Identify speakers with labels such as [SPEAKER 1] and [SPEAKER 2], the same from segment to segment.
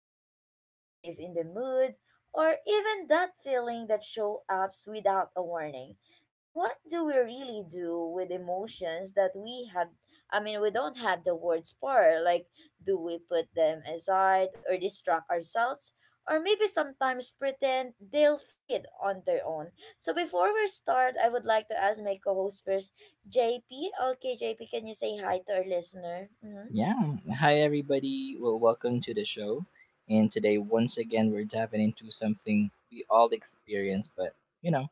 [SPEAKER 1] that sudden shift in the mood, or even that feeling that shows up without a warning. So, what do we really do with emotions that we have? I mean, we don't have the words for, like, do we put them aside or distract ourselves? Or maybe sometimes pretend they'll fade on their own. So, before we start, I would like to ask my co-host first, JP. Okay, JP, can you say hi to our listener? Mm-hmm.
[SPEAKER 2] Yeah. Hi, everybody. Well, welcome to the show. And today, once again, we're diving into something we all experience, but, you know,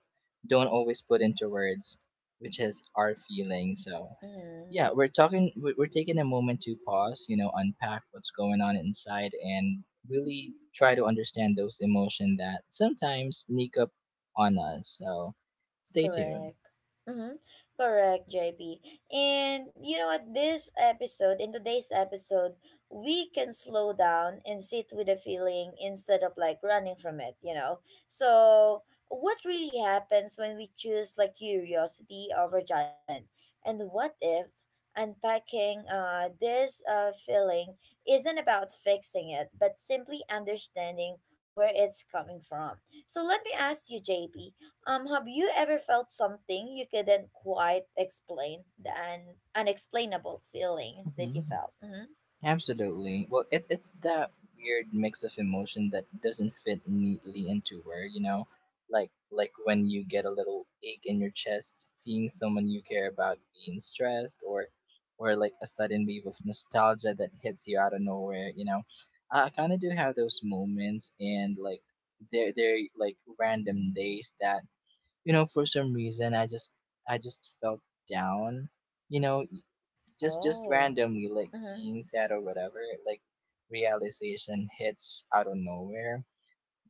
[SPEAKER 2] don't always put into words, which is our feelings. So,
[SPEAKER 1] hmm
[SPEAKER 2] yeah, we're talking, we're taking a moment to pause, you know, unpack what's going on inside and really try to understand those emotions that sometimes sneak up on us. So, stay tuned.
[SPEAKER 1] Correct. Mm-hmm. Correct, JP. And you know what? This episode, in today's episode, we can slow down and sit with the feeling instead of like running from it, you know? So, what really happens when we choose, like, curiosity over judgment? And what if unpacking this feeling isn't about fixing it, but simply understanding where it's coming from? So, let me ask you, JP, have you ever felt something you couldn't quite explain? The unexplainable feelings that you felt. Mm-hmm.
[SPEAKER 2] Absolutely. Well, it's that weird mix of emotion that doesn't fit neatly into where, you know, like when you get a little ache in your chest seeing someone you care about being stressed or like a sudden wave of nostalgia that hits you out of nowhere, you know. I kind of do have those moments, and like they're like random days that, you know, for some reason I just felt down. You know, just
[SPEAKER 1] Oh.
[SPEAKER 2] randomly like
[SPEAKER 1] Mm-hmm.
[SPEAKER 2] being sad or whatever, like realization hits out of nowhere.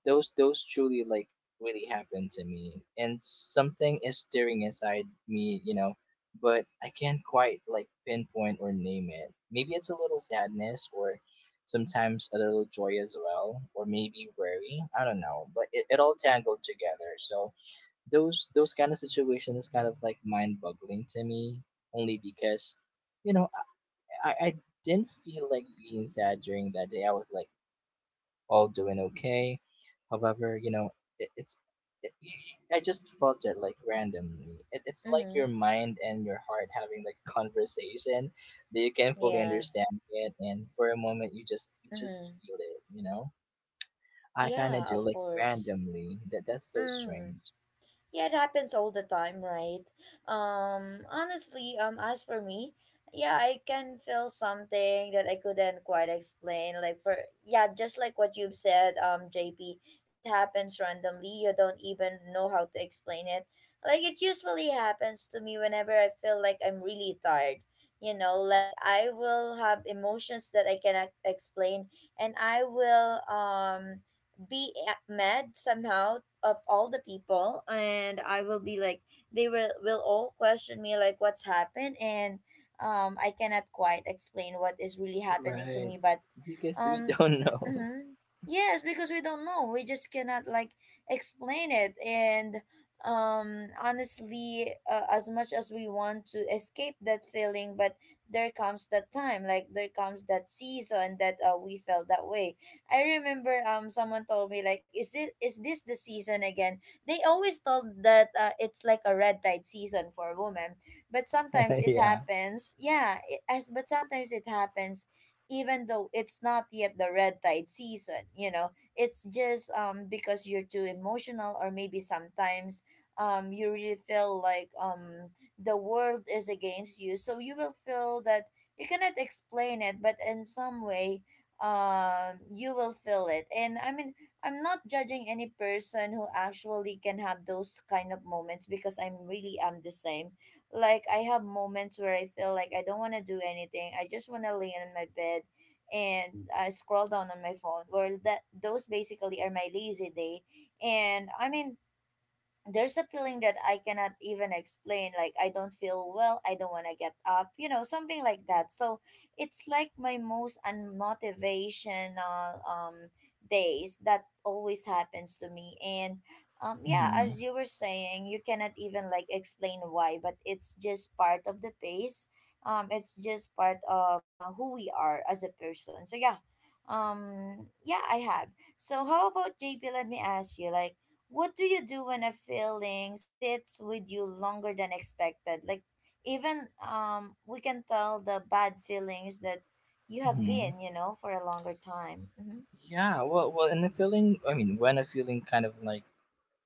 [SPEAKER 2] Those truly like really happened to me, and something is stirring inside me, you know, but I can't quite like pinpoint or name it. Maybe it's a little sadness, or sometimes a little joy as well, or maybe worry, I don't know, but it all tangled together. So those kind of situations kind of like mind boggling to me, only because, you know, I didn't feel like being sad during that day. I was like all doing okay. However, you know, it, it's it, I just felt it like randomly. It's like your
[SPEAKER 1] Mm-hmm.
[SPEAKER 2] mind and your heart having like a conversation that you can't fully
[SPEAKER 1] Yeah.
[SPEAKER 2] understand, it, and for a moment you just
[SPEAKER 1] Mm-hmm.
[SPEAKER 2] feel it. You know, I kind of
[SPEAKER 1] Yeah,
[SPEAKER 2] do,
[SPEAKER 1] of
[SPEAKER 2] like
[SPEAKER 1] course.
[SPEAKER 2] randomly. That's so
[SPEAKER 1] Mm.
[SPEAKER 2] strange,
[SPEAKER 1] Yeah, it happens all the time, right? Honestly, as for me, yeah, I can feel something that I couldn't quite explain. Like for Yeah, just like what you've said, JP, it happens randomly. You don't even know how to explain it. Like, it usually happens to me whenever I feel like I'm really tired. You know, like, I will have emotions that I cannot explain, and I will be mad somehow of all the people, and I will be like, they will all question me like what's happened. And I cannot quite explain what is really happening to
[SPEAKER 2] right?
[SPEAKER 1] me, but
[SPEAKER 2] Because we
[SPEAKER 1] um
[SPEAKER 2] don't know.
[SPEAKER 1] mm-hmm. Yes, because we don't know, we just cannot like explain it. And honestly, as much as we want to escape that feeling, but there comes that time, like there comes that season that, we felt that way. I remember someone told me like, is this the season again? They always told that, it's like a red tide season for women, but sometimes it
[SPEAKER 2] Yeah.
[SPEAKER 1] happens. Yeah, it, as but sometimes it happens even though it's not yet the red tide season, you know. It's just because you're too emotional, or maybe sometimes you really feel like the world is against you. So you will feel that you cannot explain it, but in some way you will feel it. And I mean, I'm not judging any person who actually can have those kind of moments, because I'm really am the same. Like, I have moments where I feel like I don't want to do anything, I just want to lay on my bed and I scroll down on my phone. Well, that those basically are my lazy day. And I mean, there's a feeling that I cannot even explain. Like, I don't feel well. I don't want to get up, something like that. So it's like my most unmotivational days that always happens to me. And yeah, as
[SPEAKER 2] Mm-hmm.
[SPEAKER 1] you were saying, you cannot even like explain why, but it's just part of the pace. It's just part of, who we are as a person. So yeah, yeah, I have. So how about JP? Let me ask you, like, what do you do when a feeling sits with you longer than expected? Like, even we can tell the bad feelings that you have
[SPEAKER 2] Mm-hmm.
[SPEAKER 1] been, you know, for a longer time. Mhm.
[SPEAKER 2] Yeah, and the feeling, I mean, when a feeling kind of like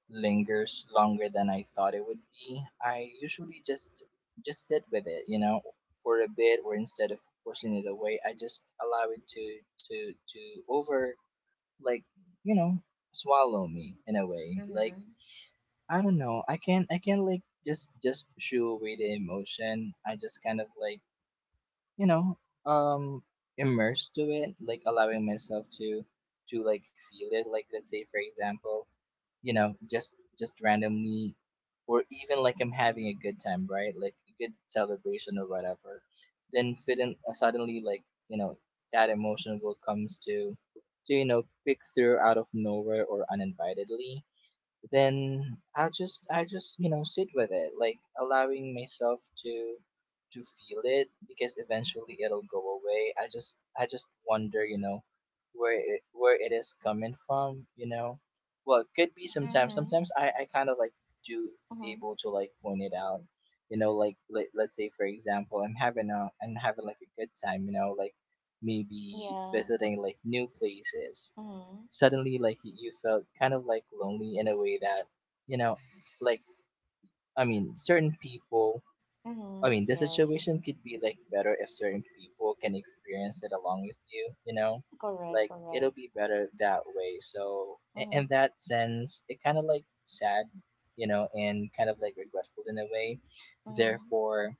[SPEAKER 2] lingers longer than I thought it would be, I usually just sit with it, you know, for a bit, or instead of pushing it away, I just allow it to over, like, you know, swallow me in a way. Like,
[SPEAKER 1] Mhm.
[SPEAKER 2] I don't know, I can't like just shoo away the emotion. I just kind of like, you know, um, immersed to it, like allowing myself to like feel it. Like let's say, for example, you know, just randomly, or even like I'm having a good time, right, like a good celebration or whatever, then fit in, suddenly, like, you know, that emotion will comes to, you know, quick through out of nowhere, or uninvitedly. Then I just, you know, sit with it, like allowing myself to feel it, because eventually it'll go away. I just wonder, you know, where it, is coming from, you know. Well, it could be sometimes.
[SPEAKER 1] Mhm.
[SPEAKER 2] Sometimes I kind of like do
[SPEAKER 1] Mhm.
[SPEAKER 2] able to like point it out, you know, like let let's say, for example, I'm having like a good time, you know, like maybe
[SPEAKER 1] Yeah.
[SPEAKER 2] visiting like new places,
[SPEAKER 1] Mhm.
[SPEAKER 2] suddenly like you felt kind of like lonely in a way that, you know, like, certain people, I
[SPEAKER 1] Mhm.
[SPEAKER 2] mean the
[SPEAKER 1] Yes.
[SPEAKER 2] situation could be like better if certain people can experience it along with you, you know,
[SPEAKER 1] Correct,
[SPEAKER 2] like it'll
[SPEAKER 1] correct.
[SPEAKER 2] be better that way. So in
[SPEAKER 1] Mhm.
[SPEAKER 2] that sense, it kind of like sad, you know, and kind of like regretful in a way.
[SPEAKER 1] Mhm.
[SPEAKER 2] Therefore,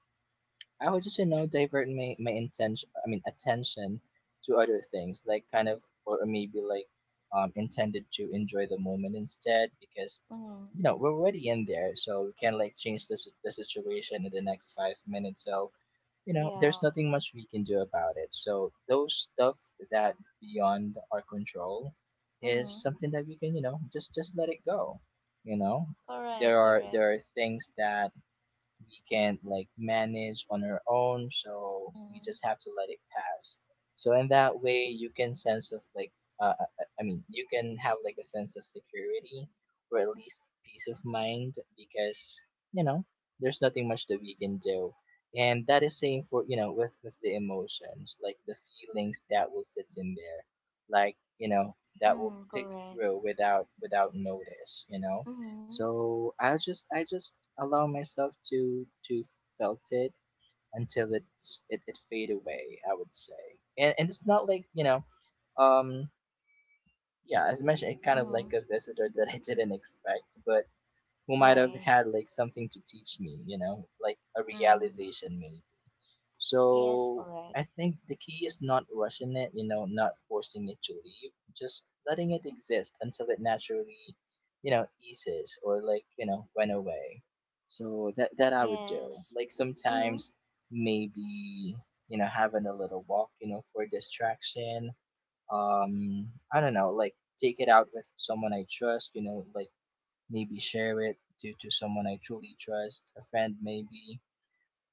[SPEAKER 2] I would just, you know, divert my, I mean, attention to other things, like kind of, or maybe like, intended to enjoy the moment instead, because, you
[SPEAKER 1] Mhm.
[SPEAKER 2] know, we're already in there. So we can like change the, the situation in the next 5 minutes. So, you know, there's
[SPEAKER 1] Yeah.
[SPEAKER 2] nothing much we can do about it. So those stuff that beyond our control is
[SPEAKER 1] Mhm.
[SPEAKER 2] something that we can, you know, just let it go. You know,
[SPEAKER 1] Correct, correct.
[SPEAKER 2] there are things that we can't like manage on our own, so we
[SPEAKER 1] Mhm.
[SPEAKER 2] just have to let it pass. So in that way, you can sense of like, I mean, you can have like a sense of security, or at least peace of mind, because, you know, there's nothing much that we can do. And that is same for, you know, with the emotions, like the feelings that will sit in there, like, you know, that will
[SPEAKER 1] Mhm.
[SPEAKER 2] pick
[SPEAKER 1] Correct.
[SPEAKER 2] through without, notice, you know.
[SPEAKER 1] Mhm.
[SPEAKER 2] So I just allow myself to felt it until it, it fade away, I would say. And it's not like, you know, um, yeah, as mentioned, it kind of like
[SPEAKER 1] Mhm.
[SPEAKER 2] a visitor that I didn't expect, but who might have
[SPEAKER 1] Right.
[SPEAKER 2] had like something to teach me, you know, like a
[SPEAKER 1] Mhm.
[SPEAKER 2] realization maybe.
[SPEAKER 1] Yes,
[SPEAKER 2] So
[SPEAKER 1] correct.
[SPEAKER 2] I think the key is not rushing it, you know, not forcing it to leave, just letting it exist until it naturally, you know, eases or, like, you know, went away. So that, I would do.
[SPEAKER 1] Yes.
[SPEAKER 2] Like
[SPEAKER 1] Mm-hmm.
[SPEAKER 2] sometimes maybe, you know, having a little walk, you know, for distraction. I don't know, like take it out with someone I trust, you know, like maybe share it to someone I truly trust, a friend maybe.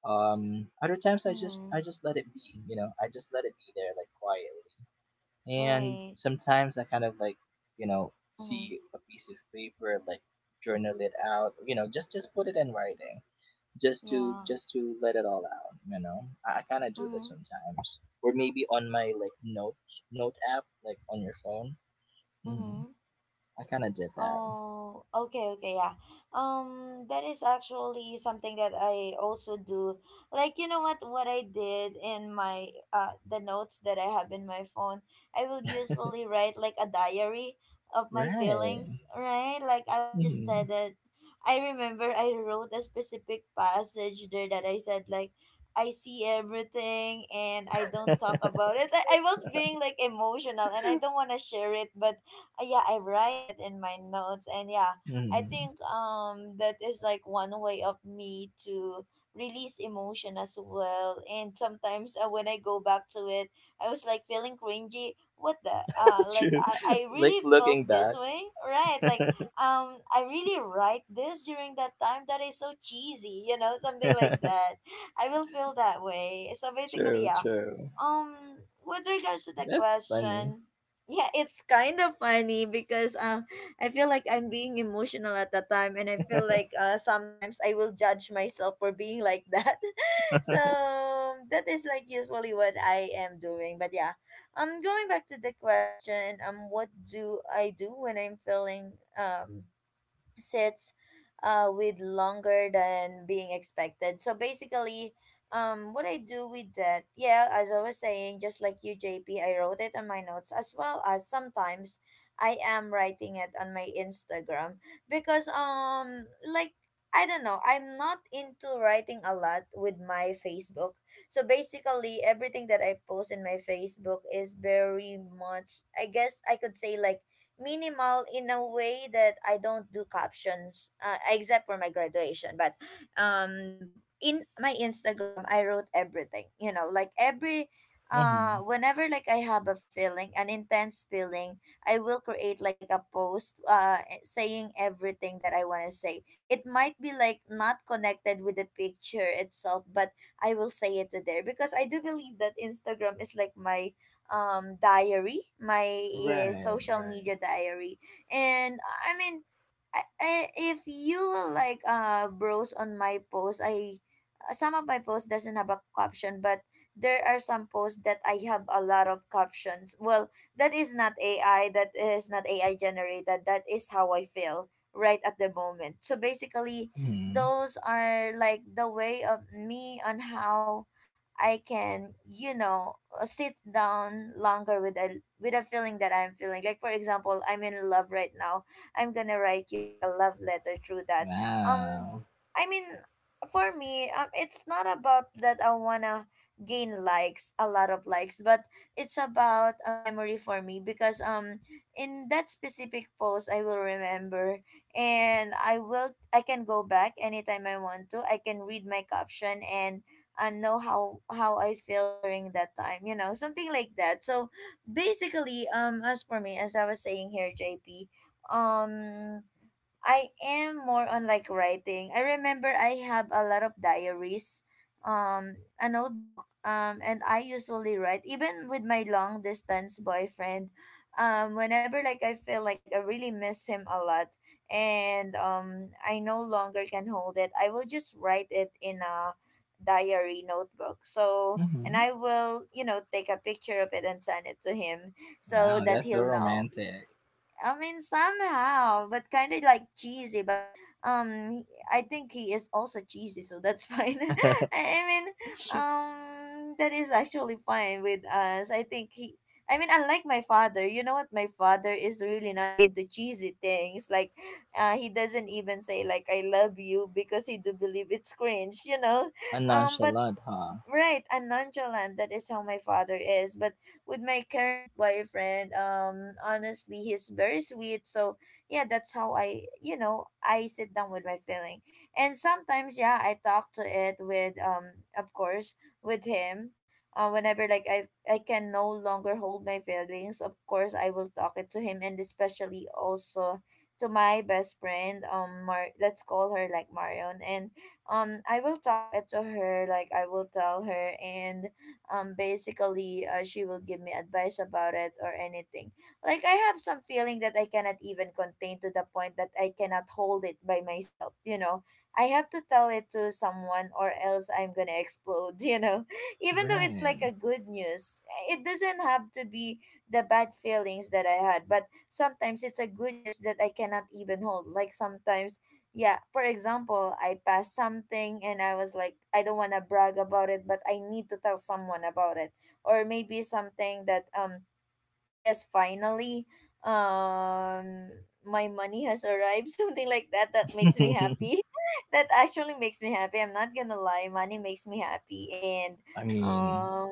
[SPEAKER 2] Other times I
[SPEAKER 1] Mm-hmm.
[SPEAKER 2] just let it be, you know, I just let it be there like quietly. And
[SPEAKER 1] Right.
[SPEAKER 2] sometimes I kind of like, you know,
[SPEAKER 1] Mm-hmm.
[SPEAKER 2] see a piece of paper, like journal it out, you know, just put it in writing, just to
[SPEAKER 1] Yeah.
[SPEAKER 2] let it all out, you know. I kind of do that
[SPEAKER 1] Mm-hmm.
[SPEAKER 2] sometimes, or maybe on my like note, app, like on your phone. Hmm.
[SPEAKER 1] Mm-hmm.
[SPEAKER 2] I kind of did that,
[SPEAKER 1] Oh, okay, okay, yeah. That is actually something that I also do. Like, you know what I did in my the notes that I have in my phone, I will usually write like a diary of my
[SPEAKER 2] right?
[SPEAKER 1] feelings, right? Like, I will just say
[SPEAKER 2] Hmm.
[SPEAKER 1] that, I remember I wrote a specific passage there that I said, like, I see everything and I don't talk about it. I was being like emotional and I don't want to share it, but yeah, I write it in my notes, and yeah, I
[SPEAKER 2] Mhm.
[SPEAKER 1] think that is like one way of me to release emotion as well. And sometimes, when I go back to it, I was like feeling cringy. What the Like,
[SPEAKER 2] True.
[SPEAKER 1] I
[SPEAKER 2] Like
[SPEAKER 1] really
[SPEAKER 2] looking
[SPEAKER 1] felt this
[SPEAKER 2] back.
[SPEAKER 1] way, right? Like, I really write this during that time that is so cheesy, you know, something like that. I will feel that way. So basically,
[SPEAKER 2] True,
[SPEAKER 1] yeah,
[SPEAKER 2] true.
[SPEAKER 1] um with regards to the
[SPEAKER 2] That's funny.
[SPEAKER 1] question, yeah, it's kind of funny because, I feel like I'm being emotional at the time, and I feel like, sometimes I will judge myself for being like that so that is like usually what I am doing. But yeah, going back to the question, what do I do when I'm feeling um sits, with longer than being expected. So basically, what I do with that, yeah, as I was saying, just like you, J P, I wrote it on my notes, as well as sometimes I am writing it on my Instagram because, like, I don't know, I'm not into writing a lot with my Facebook. So basically, everything that I post in my Facebook is very much, I guess I could say, like, minimal in a way that I don't do captions, except for my graduation. But in my Instagram I wrote everything, you know, like, every
[SPEAKER 2] Mm-hmm.
[SPEAKER 1] whenever, like, I have a feeling, an intense feeling, I will create like a post saying everything that I want to say. It might be like not connected with the picture itself, but I will say it to there, because I do believe that Instagram is like my diary, my
[SPEAKER 2] Right,
[SPEAKER 1] social
[SPEAKER 2] right.
[SPEAKER 1] media diary. And I mean, if you will like browse on my post, I some of my posts doesn't have a caption, but there are some posts that I have a lot of captions. Well, that is not AI, that is not AI generated. That is how I feel right at the moment. So basically,
[SPEAKER 2] Mm-hmm.
[SPEAKER 1] those are like the way of me on how I can, you know, sit down longer with a feeling that I'm feeling. Like, for example, I'm in love right now. I'm gonna write you like a love letter through that. Um,
[SPEAKER 2] Wow.
[SPEAKER 1] I mean, for me, it's not about that I wanna gain likes, a lot of likes, but it's about a memory for me because, in that specific post, I will remember and I can go back anytime I want to. I can read my caption and know how I feel during that time, you know, something like that. So basically, as for me, as I was saying here, JP, um, I am more on like writing. I remember I have a lot of diaries, a notebook, and I usually write even with my long distance boyfriend. Whenever, like, I feel like I really miss him a lot, and I no longer can hold it, I will just write it in a diary notebook. So, and
[SPEAKER 2] Mm-hmm.
[SPEAKER 1] I will, take a picture of it and send it to him so
[SPEAKER 2] Wow,
[SPEAKER 1] that
[SPEAKER 2] that's so
[SPEAKER 1] he'll know.
[SPEAKER 2] romantic.
[SPEAKER 1] I mean, somehow, but kind of like cheesy. But um, he- I think he is also cheesy, so that's fine. I mean, um, that is actually fine with us. I think he. I mean, unlike my father, you know what? My father is really not into cheesy things. Like, he doesn't even say like "I love you" because he do believe it's cringe.
[SPEAKER 2] And
[SPEAKER 1] But
[SPEAKER 2] nonchalant, huh?
[SPEAKER 1] right and nonchalant, that is how my father is. But with my current boyfriend, honestly he's very sweet. So yeah, that's how I you know I sit down with my feeling. And sometimes yeah, I talk to it with of course, with him. Whenever like I can no longer hold my feelings, of course I will talk it to him, and especially also to my best friend, let's call her like Marion. And I will talk it to her, like I will tell her. And basically she will give me advice about it or anything. Like I have some feeling that I cannot even contain, to the point that I cannot hold it by myself, you know. I have to tell it to someone or else I'm gonna explode you know, even though it's like
[SPEAKER 2] Right.
[SPEAKER 1] a good news. It doesn't have to be the bad feelings that I had, but sometimes it's a good news that I cannot even hold. Like sometimes, yeah, for example, I passed something and I was like, I don't want to brag about it, but I need to tell someone about it. Or maybe something that yes, finally, um my money has arrived something like that, that makes me happy that actually makes me happy. I'm not gonna lie, money makes me happy. And
[SPEAKER 2] I mean,
[SPEAKER 1] um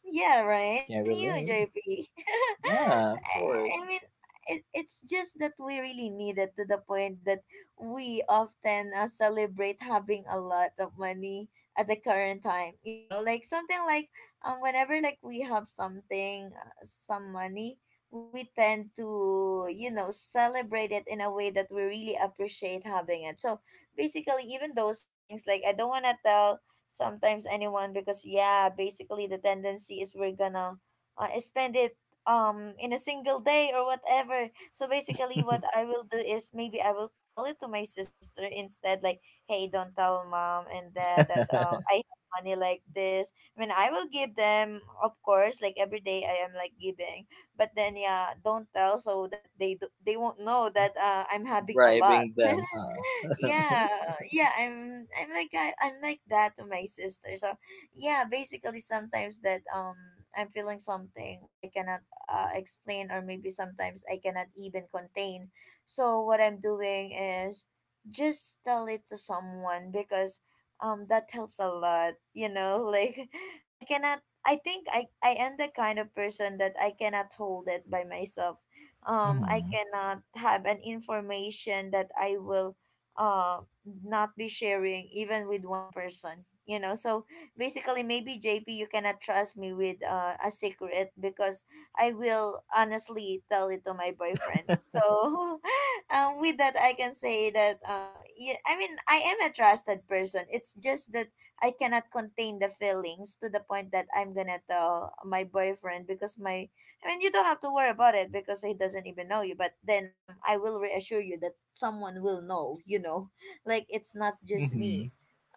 [SPEAKER 1] yeah, right,
[SPEAKER 2] can
[SPEAKER 1] even you,
[SPEAKER 2] relate.
[SPEAKER 1] JP.
[SPEAKER 2] Yeah, of
[SPEAKER 1] I. I
[SPEAKER 2] course.
[SPEAKER 1] mean, it's just that we really need it, to the point that we often celebrate having a lot of money at the current time, you know, like something like whenever like we have something, some money, we tend to, you know, celebrate it in a way that we really appreciate having it. So basically, even those things, like I don't want to tell sometimes anyone because, yeah, basically the tendency is we're gonna spend it in a single day or whatever. So basically what I will do is maybe I will tell it to my sister instead, like, hey, don't tell mom and dad that I have money like this. I mean, I will give them, of course, like every day I am like giving, but then yeah, don't tell, so that they they won't know that I'm having a lot.
[SPEAKER 2] Bribing them, huh?
[SPEAKER 1] Yeah, yeah, I'm I'm like that to my sister. So yeah, basically sometimes that I'm feeling something I cannot explain, or maybe sometimes I cannot even contain. So what I'm doing is just tell it to someone, because that helps a lot, you know. Like I cannot. I think I am the kind of person that I cannot hold it by myself. I
[SPEAKER 2] Mm-hmm.
[SPEAKER 1] cannot have an information that I will uh not be sharing even with one person, you know. So basically maybe, JP, you cannot trust me with a secret, because I will honestly tell it to my boyfriend. So with that I can say that yeah, I mean, I am a trusted person. It's just that I cannot contain the feelings to the point that I'm gonna tell my boyfriend, because my. I mean, you don't have to worry about it because he doesn't even know you. But then, I will reassure you that someone will know. You know, like it's not just
[SPEAKER 2] Mm-hmm.
[SPEAKER 1] me.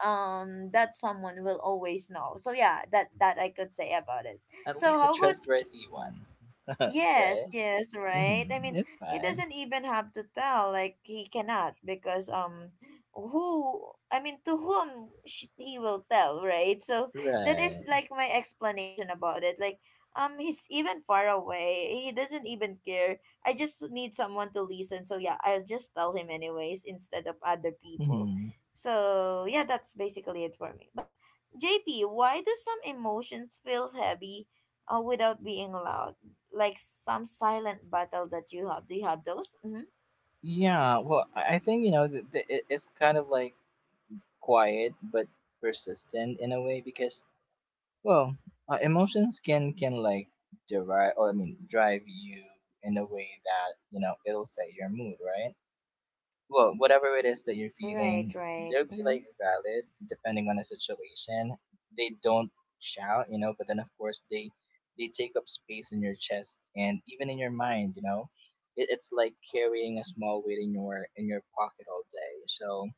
[SPEAKER 1] That someone will always know. So yeah, that I could say about it.
[SPEAKER 2] At
[SPEAKER 1] So
[SPEAKER 2] least a
[SPEAKER 1] how about.
[SPEAKER 2] trustworthy one, right?
[SPEAKER 1] Yes, yes, right. I
[SPEAKER 2] Mhm.
[SPEAKER 1] mean,
[SPEAKER 2] It's
[SPEAKER 1] he
[SPEAKER 2] fine.
[SPEAKER 1] doesn't even have to tell, like he cannot, because who, I mean, to whom he will tell, right? So that is
[SPEAKER 2] Right.
[SPEAKER 1] like my explanation about it. Like he's even far away. He doesn't even care. I just need someone to listen. So yeah, I'll just tell him anyways instead of other people.
[SPEAKER 2] Mhm.
[SPEAKER 1] So yeah, that's basically it for me. But JP, why do some emotions feel heavy without being loud? Like some silent battle that you have. Do you have those? Mm-hmm.
[SPEAKER 2] Yeah. Well, I think, you know, th th it's kind of like quiet but persistent in a way, because, well, emotions can like derive, or I mean drive you in a way that, you know, it'll set your mood, right? Well, whatever it is that you're
[SPEAKER 1] Right,
[SPEAKER 2] feeling,
[SPEAKER 1] right.
[SPEAKER 2] they'll be
[SPEAKER 1] Mm-hmm.
[SPEAKER 2] like valid depending on the situation. They don't shout, you know, but then of course they, take up space in your chest and even in your mind, you know. It's like carrying a small weight in your, pocket all day. So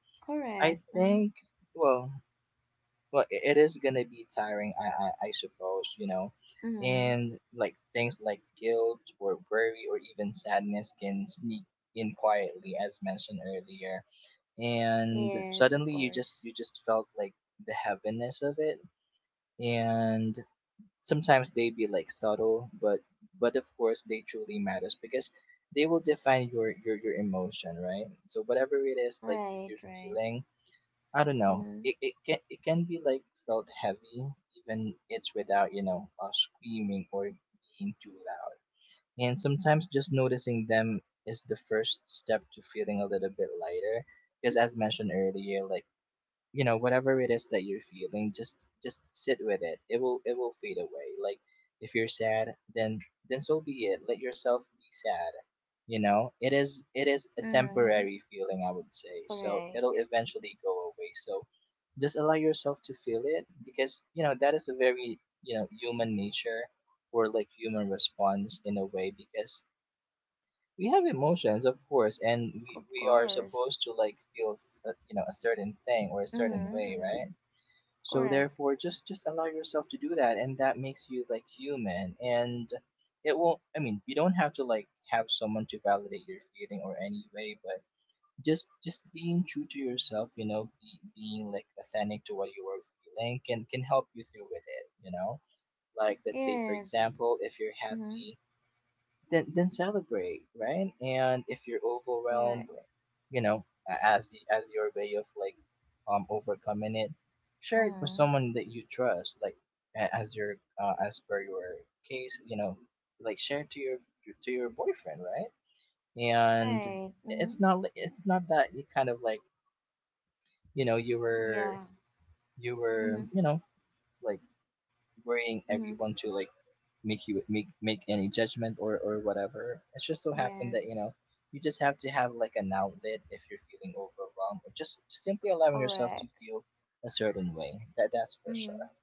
[SPEAKER 2] I
[SPEAKER 1] Correct. Mm-hmm.
[SPEAKER 2] think, well it, it is gonna be tiring, I suppose, you know.
[SPEAKER 1] Mm-hmm.
[SPEAKER 2] And like things like guilt or worry or even sadness can sneak in quietly, as mentioned earlier, and
[SPEAKER 1] Yes, of
[SPEAKER 2] suddenly
[SPEAKER 1] course.
[SPEAKER 2] you just felt like the heaviness of it. And sometimes they be like subtle, but of course they truly matters, because they will define your, your emotion, right? So whatever it is like
[SPEAKER 1] Right,
[SPEAKER 2] you're
[SPEAKER 1] right.
[SPEAKER 2] feeling, I don't know,
[SPEAKER 1] Mm-hmm.
[SPEAKER 2] it can, be like felt heavy, even it's without, you know, screaming or being too loud. And sometimes just noticing them is the first step to feeling a little bit lighter, because, as mentioned earlier, like, you know, whatever it is that you're feeling, just sit with it. It will, fade away. Like if you're sad, then so be it, let yourself be sad. You know, it is a
[SPEAKER 1] Mm-hmm.
[SPEAKER 2] temporary feeling, I would say, so it'll
[SPEAKER 1] Correct.
[SPEAKER 2] eventually go away. So just allow yourself to feel it, because, you know, that is a very, you know, human nature, or like human response in a way, because we have emotions, of course, and
[SPEAKER 1] Of
[SPEAKER 2] we, are
[SPEAKER 1] course.
[SPEAKER 2] supposed to like feel you know, a certain thing or a certain
[SPEAKER 1] Mm-hmm.
[SPEAKER 2] way,
[SPEAKER 1] Mm-hmm.
[SPEAKER 2] right? So
[SPEAKER 1] Correct.
[SPEAKER 2] therefore, just allow yourself to do that, and that makes you like human. And it will. I mean, you don't have to like have someone to validate your feeling or any way, but just being true to yourself, you know, being like authentic to what you are feeling can help you through with it. You know, like let's say, for
[SPEAKER 1] Yes.
[SPEAKER 2] example, if you're
[SPEAKER 1] Mm-hmm.
[SPEAKER 2] happy, then celebrate, right? And if you're overwhelmed,
[SPEAKER 1] Correct.
[SPEAKER 2] you know, as as your way of like, um, overcoming it, share it with
[SPEAKER 1] Mm-hmm.
[SPEAKER 2] someone that you trust, like, as your as per your case, you know, like share to your, boyfriend, right? And
[SPEAKER 1] Right.
[SPEAKER 2] it's
[SPEAKER 1] Mm-hmm.
[SPEAKER 2] not it's not that you kind of like, you know,
[SPEAKER 1] Yeah. Mm-hmm.
[SPEAKER 2] you know, like worrying
[SPEAKER 1] Mm-hmm.
[SPEAKER 2] everyone to like make you make any judgment or whatever. It's just so happened that you know
[SPEAKER 1] Yes.
[SPEAKER 2] you just have to have like an outlet if you're feeling overwhelmed or just simply allowing yourself to
[SPEAKER 1] Correct.
[SPEAKER 2] feel a certain way. That's for sure.
[SPEAKER 1] Mm-hmm.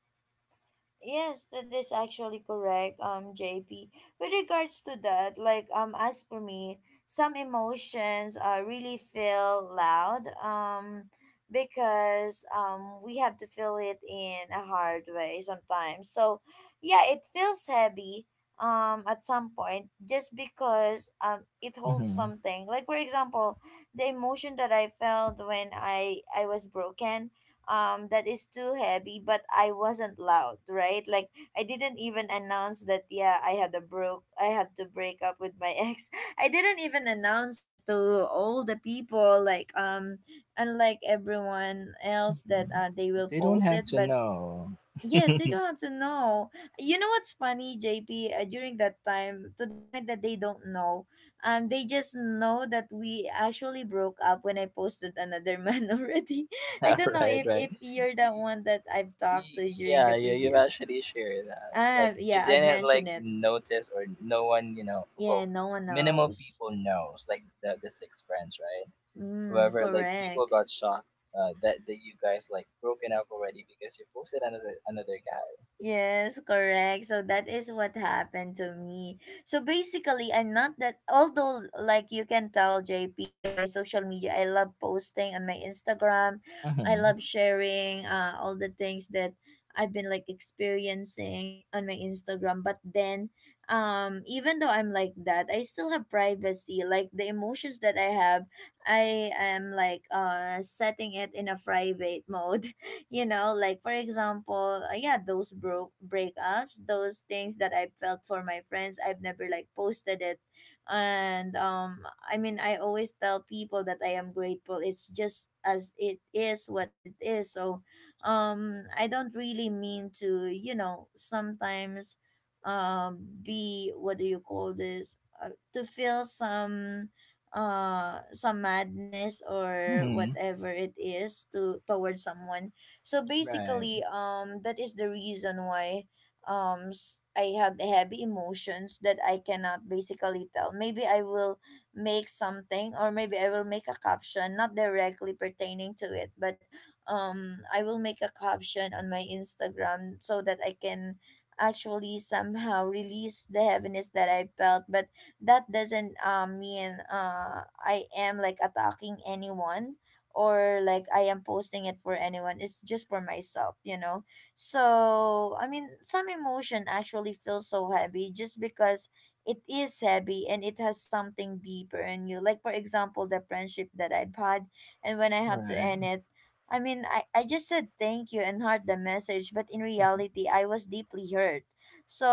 [SPEAKER 1] Yes, that is actually correct, JP. With regards to that, like as for me, some emotions really feel loud, because we have to feel it in a hard way sometimes. So yeah, it feels heavy, at some point just because it holds
[SPEAKER 2] Hmm.
[SPEAKER 1] something. Like for example, the emotion that I felt when I was broken, that is too heavy, but I wasn't loud, right? Like I didn't even announce that. Yeah, I had to break up with my ex. I didn't even announce it to all the people, like unlike everyone else that
[SPEAKER 2] Hmm.
[SPEAKER 1] they will
[SPEAKER 2] They don't
[SPEAKER 1] post
[SPEAKER 2] have
[SPEAKER 1] it.
[SPEAKER 2] to
[SPEAKER 1] But
[SPEAKER 2] know.
[SPEAKER 1] yes, they don't have to know. You know what's funny, JP? During that time, to the point that they don't know, they just know that we actually broke up when I posted another man already. I don't know
[SPEAKER 2] Right,
[SPEAKER 1] if
[SPEAKER 2] right.
[SPEAKER 1] you're
[SPEAKER 2] Y-
[SPEAKER 1] the one that I've talked
[SPEAKER 2] y-
[SPEAKER 1] to during the
[SPEAKER 2] Yeah, you've
[SPEAKER 1] previous.
[SPEAKER 2] actually shared that. Like, you
[SPEAKER 1] Yeah, I
[SPEAKER 2] didn't, like,
[SPEAKER 1] mentioned it.
[SPEAKER 2] notice or no one, you know,
[SPEAKER 1] Yeah,
[SPEAKER 2] well,
[SPEAKER 1] no one
[SPEAKER 2] minimal
[SPEAKER 1] knows.
[SPEAKER 2] people knows, like, the six friends, right?
[SPEAKER 1] Mm,
[SPEAKER 2] However, like people
[SPEAKER 1] correct.
[SPEAKER 2] got shocked, that you guys like broken up already because you posted another guy.
[SPEAKER 1] Yes, correct. So that is what happened to me. So basically, I'm not that, although, like you can tell, JP, in my social media, I love posting on my Instagram. I
[SPEAKER 2] Mhm.
[SPEAKER 1] love sharing all the things that I've been like experiencing on my Instagram. But then, even though I'm like that, I still have privacy. Like the emotions that I have, I am like setting it in a private mode, you know. Like for example, yeah, those broke breakups, those things that I felt for my friends, I've never like posted it. And I mean, I always tell people that I am grateful. It's just as it is what it is. So I don't really mean to, you know, sometimes be, what do you call this? Uh, to feel some madness or
[SPEAKER 2] Mhm.
[SPEAKER 1] whatever it is to towards someone. So
[SPEAKER 2] Right.
[SPEAKER 1] basically, that is the reason why I have heavy emotions that I cannot basically tell. Maybe I will make something, or maybe I will make a caption not directly pertaining to it, but I will make a caption on my Instagram so that I can actually somehow release the heaviness that I felt. But that doesn't mean I am like attacking anyone or like I am posting it for anyone. It's just for myself, you know. So I mean, some emotion actually feels so heavy just because it is heavy and it has something deeper in you. Like for example, the friendship that I've had, and when I have to
[SPEAKER 2] Right.
[SPEAKER 1] end it, I mean, I just said thank you and heard the message, but in reality, I was deeply hurt.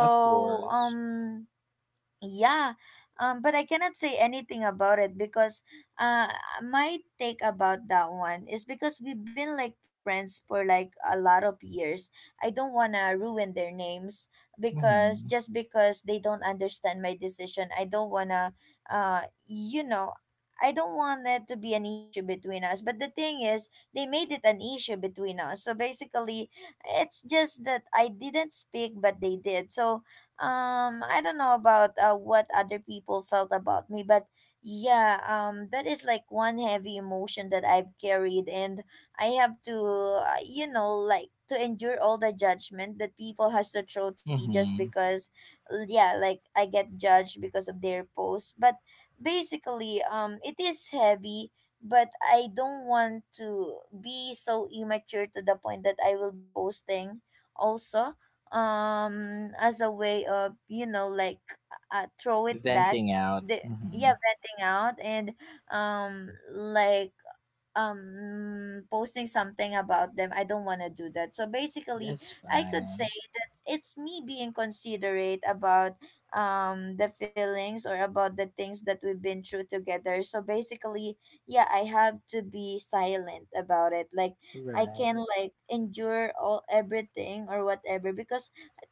[SPEAKER 2] Of course.
[SPEAKER 1] yeah, but I cannot say anything about it because uh, my take about that one is because we've been like friends for like a lot of years. I don't wanna ruin their names because
[SPEAKER 2] Mhm.
[SPEAKER 1] just because they don't understand my decision, I don't wanna, you know, I don't want it to be an issue between us. But the thing is, they made it an issue between us. So basically, it's just that I didn't speak, but they did. So I don't know about what other people felt about me, but yeah, that is like one heavy emotion that I've carried. And I have to, you know, like, to endure all the judgment that people has to throw to me, just
[SPEAKER 2] Mhm.
[SPEAKER 1] because yeah, like I get judged because of their posts. But basically, it is heavy, but I don't want to be so immature to the point that I will be posting also, as a way of, you know, like throw it back,
[SPEAKER 2] Venting out.
[SPEAKER 1] the yeah,
[SPEAKER 2] Mhm.
[SPEAKER 1] venting out, and like posting something about them. I don't want to do that. So basically,
[SPEAKER 2] That's
[SPEAKER 1] I could say
[SPEAKER 2] fine.
[SPEAKER 1] that it's me being considerate about the feelings or about the things that we've been through together. So basically, yeah, I have to be silent about it. Like I
[SPEAKER 2] Right.
[SPEAKER 1] can like endure all everything or whatever, because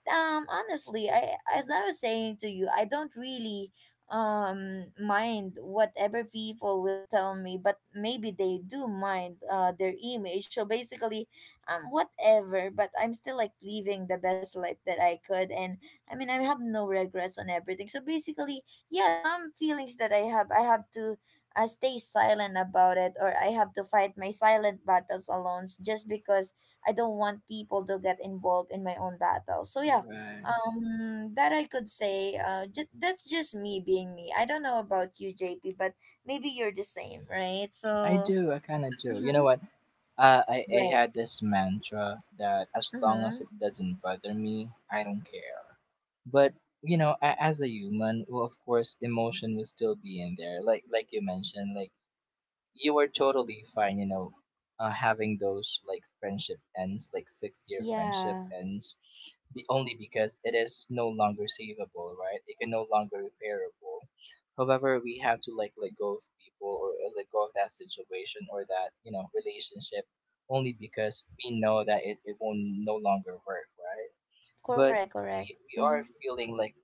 [SPEAKER 1] honestly, I, as I was saying to you, I don't really mind whatever people will tell me, but maybe they do mind their image. So basically, whatever. But I'm still like living the best life that I could. And I mean, I have no regrets on everything. So basically, yeah, some feelings that I have, I have to stay silent about it, or I have to fight my silent battles alone just because I don't want people to get involved in my own battle. So yeah,
[SPEAKER 2] Right.
[SPEAKER 1] that I could say, that's just me being me. I don't know about you, JP, but maybe you're the same, right?
[SPEAKER 2] I
[SPEAKER 1] So
[SPEAKER 2] do. I kind of do. You know
[SPEAKER 1] mm-hmm,
[SPEAKER 2] what? I
[SPEAKER 1] right.
[SPEAKER 2] had this mantra that as long as
[SPEAKER 1] Mm-hmm.
[SPEAKER 2] it doesn't bother me, I don't care. But you know, as a human, well, of course, emotion will still be in there. Like you mentioned, like you are totally fine, you know, having those like friendship ends, like 6 year friendship
[SPEAKER 1] Yeah.
[SPEAKER 2] ends, be only because it is no longer savable, right? It can no longer repairable. However, we have to like let go of people or let go of that situation or that you know relationship only because we know that it will no longer work, right? But
[SPEAKER 1] Correct, correct.
[SPEAKER 2] we
[SPEAKER 1] Mm-hmm.
[SPEAKER 2] are feeling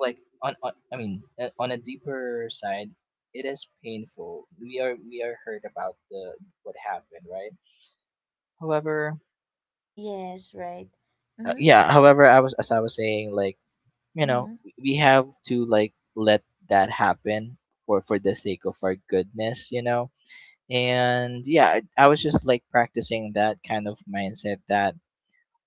[SPEAKER 2] like on I mean on a deeper side, it is painful. We are hurt about the what happened, right? However,
[SPEAKER 1] Yes, right. Mm-hmm.
[SPEAKER 2] yeah. However, I was as I was saying, like you know,
[SPEAKER 1] Mm-hmm.
[SPEAKER 2] we have to like let that happen for the sake of our goodness, you know. And yeah, I was just like practicing that kind of mindset that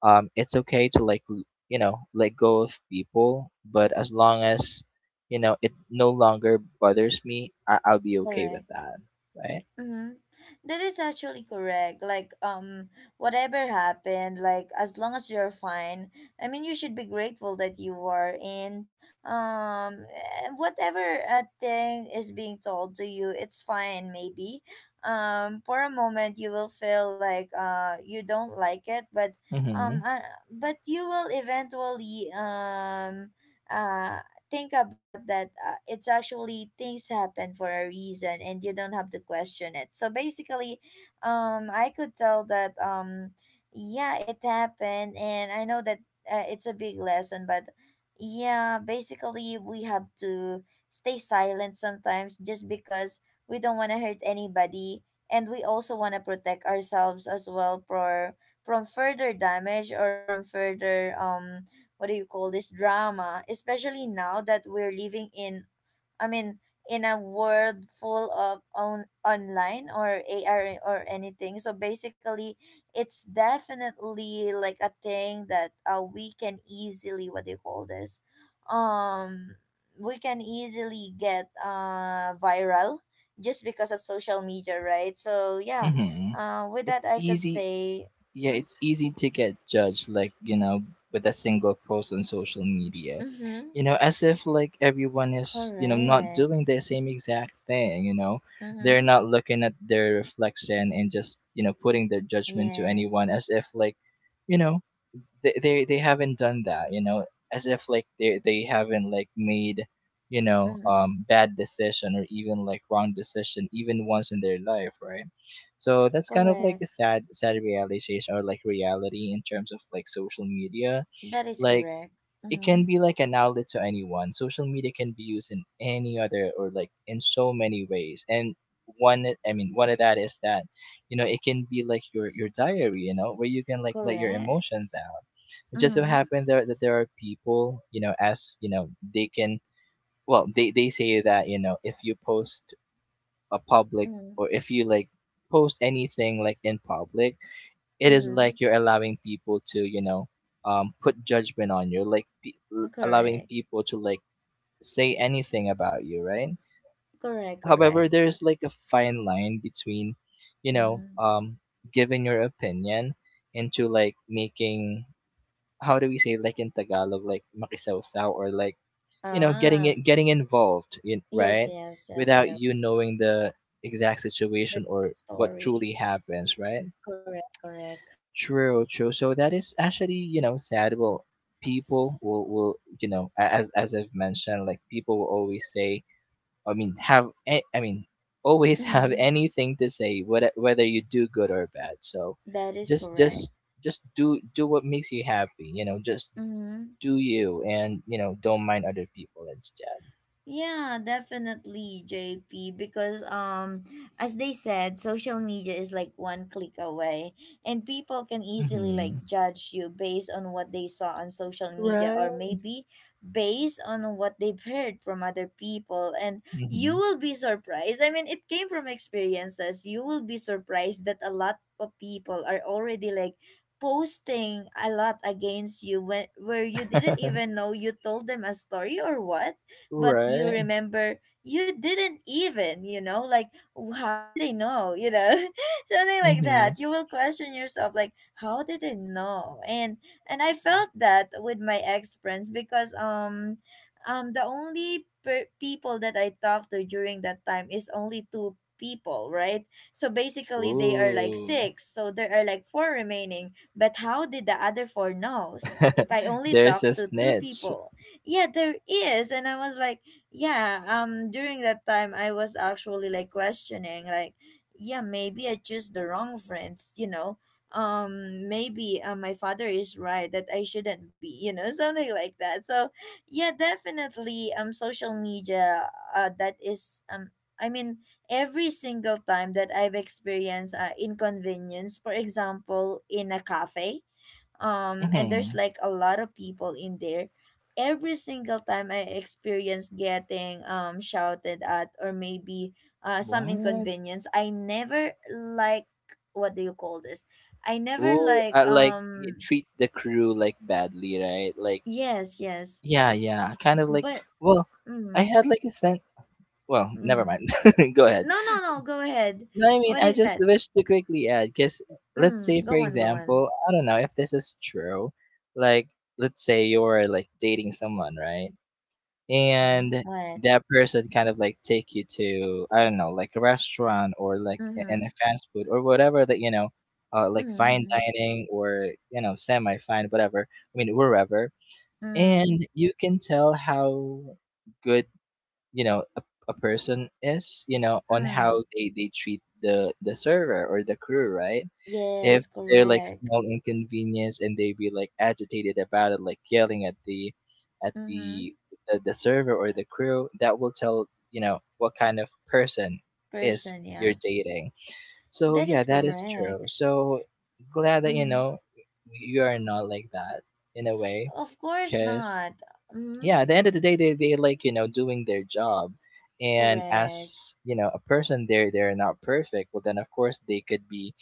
[SPEAKER 2] it's okay to like you know let go of people but as long as you know it no longer bothers me I'll be okay with
[SPEAKER 1] Correct.
[SPEAKER 2] that, right.
[SPEAKER 1] Mm-hmm. That is actually correct. Like, whatever happened, like, as long as you're fine, I mean, you should be grateful that you are in, eh, whatever thing is being told to you, it's fine, maybe. For a moment, you will feel like, you don't like it,
[SPEAKER 2] Mm-hmm.
[SPEAKER 1] um, uh, but you will eventually, uh, think about that it's actually things happen for a reason and you don't have to question it. So basically, I could tell that, yeah, it happened, and I know that it's a big lesson. But yeah, basically we have to stay silent sometimes just because we don't want to hurt anybody, and we also want to protect ourselves as well for, from further damage, or from further, what do you call this, drama, especially now that we're living in, I mean, in a world full of on online or AI or anything. So basically it's definitely like a thing that we can easily, what do you call this, um we can easily get viral just because of social media, right? So yeah,
[SPEAKER 2] Mm-hmm.
[SPEAKER 1] with that
[SPEAKER 2] It's
[SPEAKER 1] I could
[SPEAKER 2] easy.
[SPEAKER 1] say.
[SPEAKER 2] Yeah,
[SPEAKER 1] Mm-hmm,
[SPEAKER 2] it's easy to get judged like you know with a single post on social media,
[SPEAKER 1] mm-hmm,
[SPEAKER 2] you know, as if like everyone is you know not
[SPEAKER 1] correct.
[SPEAKER 2] doing the same exact thing, you know. They're
[SPEAKER 1] Mm-hmm.
[SPEAKER 2] not looking at their reflection and just you know putting their judgment to
[SPEAKER 1] Yes.
[SPEAKER 2] anyone as if like you know they haven't done that, you know, as if like they haven't like made, you know,
[SPEAKER 1] Mm-hmm.
[SPEAKER 2] um, bad decision or even like wrong decision even once in their life, right? So that's kind of like a
[SPEAKER 1] Correct.
[SPEAKER 2] sad realization or like reality in terms of like social media.
[SPEAKER 1] That is
[SPEAKER 2] Like
[SPEAKER 1] correct.
[SPEAKER 2] it
[SPEAKER 1] Mm-hmm.
[SPEAKER 2] can be like an outlet to anyone. Social media can be used in any other or like in so many ways. And one I mean one of that is that, you know, it can be like your diary, you know, where you can like let your
[SPEAKER 1] Correct.
[SPEAKER 2] emotions out. It just so
[SPEAKER 1] Mm-hmm.
[SPEAKER 2] happened there that there are people, you know, as you know, they can, well, they say that, you know, if you post a public
[SPEAKER 1] Mm-hmm.
[SPEAKER 2] or if you like post anything like in public, it is
[SPEAKER 1] Mm-hmm.
[SPEAKER 2] like you're allowing people to you know put judgment on you like allowing
[SPEAKER 1] Correct.
[SPEAKER 2] people to like say anything about you, right?
[SPEAKER 1] Correct.
[SPEAKER 2] However,
[SPEAKER 1] Correct.
[SPEAKER 2] there's like a fine line between you know
[SPEAKER 1] Mm.
[SPEAKER 2] giving your opinion into like making how do we say like in tagalog like makisawsaw or like you know getting
[SPEAKER 1] Ah.
[SPEAKER 2] it getting involved in,
[SPEAKER 1] Yes.
[SPEAKER 2] right,
[SPEAKER 1] Yes. Yes. You
[SPEAKER 2] without
[SPEAKER 1] know
[SPEAKER 2] you knowing the exact
[SPEAKER 1] the
[SPEAKER 2] situation or what
[SPEAKER 1] story.
[SPEAKER 2] truly happens, right?
[SPEAKER 1] Correct. Correct.
[SPEAKER 2] True, true. So that is actually, you know, sad. Well, people will you know, as as I've mentioned, like people will always say, I mean, have, I mean, always have
[SPEAKER 1] Mm-hmm.
[SPEAKER 2] anything to say, whether whether you do good or bad. So,
[SPEAKER 1] That is
[SPEAKER 2] just
[SPEAKER 1] correct.
[SPEAKER 2] just just do what makes you happy. You know, just
[SPEAKER 1] Mm-hmm.
[SPEAKER 2] do you, and you know, don't mind other people instead.
[SPEAKER 1] Yeah, definitely, JP, because as they said, social media is like one click away, and people can easily like
[SPEAKER 2] Mm-hmm.
[SPEAKER 1] judge you based on what they saw on social media, or
[SPEAKER 2] Right.
[SPEAKER 1] maybe based on what they've heard from other people. And you
[SPEAKER 2] Mm-hmm.
[SPEAKER 1] will be surprised. I mean, it came from experiences. You will be surprised that a lot of people are already like posting a lot against you, when, where you didn't even know you told them a story or what. But you
[SPEAKER 2] Right.
[SPEAKER 1] remember, you didn't even, you know, like, "W- how did they know, you know, something like
[SPEAKER 2] Mm-hmm.
[SPEAKER 1] that. You will question yourself, like, how did they know? And I felt that with my ex friends because um the people that I talked to during that time is only two people, right? So basically they are like
[SPEAKER 2] Ooh,
[SPEAKER 1] six, so there are like four remaining. But how did the other four knows? If I only
[SPEAKER 2] there's a
[SPEAKER 1] talked to two
[SPEAKER 2] snitch.
[SPEAKER 1] people, yeah, there is. And I was like, yeah, during that time I was actually like questioning, like, yeah, maybe I choose the wrong friends, you know, maybe my father is right that I shouldn't be, you know, something like that. So yeah, definitely, social media, that is, I mean, every single time that I've experienced inconvenience, for example in a cafe, and there's
[SPEAKER 2] Mhm.
[SPEAKER 1] like a lot of people in there, every single time I experience getting shouted at, or maybe some
[SPEAKER 2] What?
[SPEAKER 1] inconvenience, I never like, what do you call this, I never
[SPEAKER 2] Oh,
[SPEAKER 1] like,
[SPEAKER 2] like you treat the crew like badly, right? Like,
[SPEAKER 1] yes, yes,
[SPEAKER 2] yeah, yeah, kind of like.
[SPEAKER 1] but,
[SPEAKER 2] Well, I
[SPEAKER 1] mm,
[SPEAKER 2] had like a sense. Well, never
[SPEAKER 1] mm.
[SPEAKER 2] mind. Go ahead.
[SPEAKER 1] no, no, no, go ahead.
[SPEAKER 2] No, I mean,
[SPEAKER 1] What
[SPEAKER 2] I
[SPEAKER 1] is
[SPEAKER 2] just
[SPEAKER 1] that?
[SPEAKER 2] wish to quickly add because let's say, for
[SPEAKER 1] Go on, go on.
[SPEAKER 2] example, I don't know if this is true. Like, let's say you're like dating someone, right? And
[SPEAKER 1] What?
[SPEAKER 2] that person kind of like take you to I don't know like a restaurant or like and
[SPEAKER 1] Mm-hmm.
[SPEAKER 2] a fast food or whatever that you know like fine
[SPEAKER 1] Mm-hmm.
[SPEAKER 2] dining or you know semi fine whatever, I mean wherever,
[SPEAKER 1] mm-hmm,
[SPEAKER 2] and you can tell how good you know a person is you know
[SPEAKER 1] mm,
[SPEAKER 2] on
[SPEAKER 1] mm.
[SPEAKER 2] how they treat the server or the crew, right? If
[SPEAKER 1] Yes,
[SPEAKER 2] they're like
[SPEAKER 1] correct.
[SPEAKER 2] small inconvenience and they be like agitated about it, like yelling at at
[SPEAKER 1] Mm-hmm.
[SPEAKER 2] the the server or the crew, that will tell you know what kind of person is
[SPEAKER 1] Person, yeah.
[SPEAKER 2] you're dating. So
[SPEAKER 1] That is
[SPEAKER 2] yeah, that is
[SPEAKER 1] correct.
[SPEAKER 2] true. So glad that you
[SPEAKER 1] Mm-hmm.
[SPEAKER 2] know you are not like that in a way,
[SPEAKER 1] Of course
[SPEAKER 2] because
[SPEAKER 1] not. Mm-hmm.
[SPEAKER 2] yeah, at the end of the day, they like you know doing their job. And
[SPEAKER 1] Correct.
[SPEAKER 2] as you know, a person, they're not perfect. Well, then of course they could be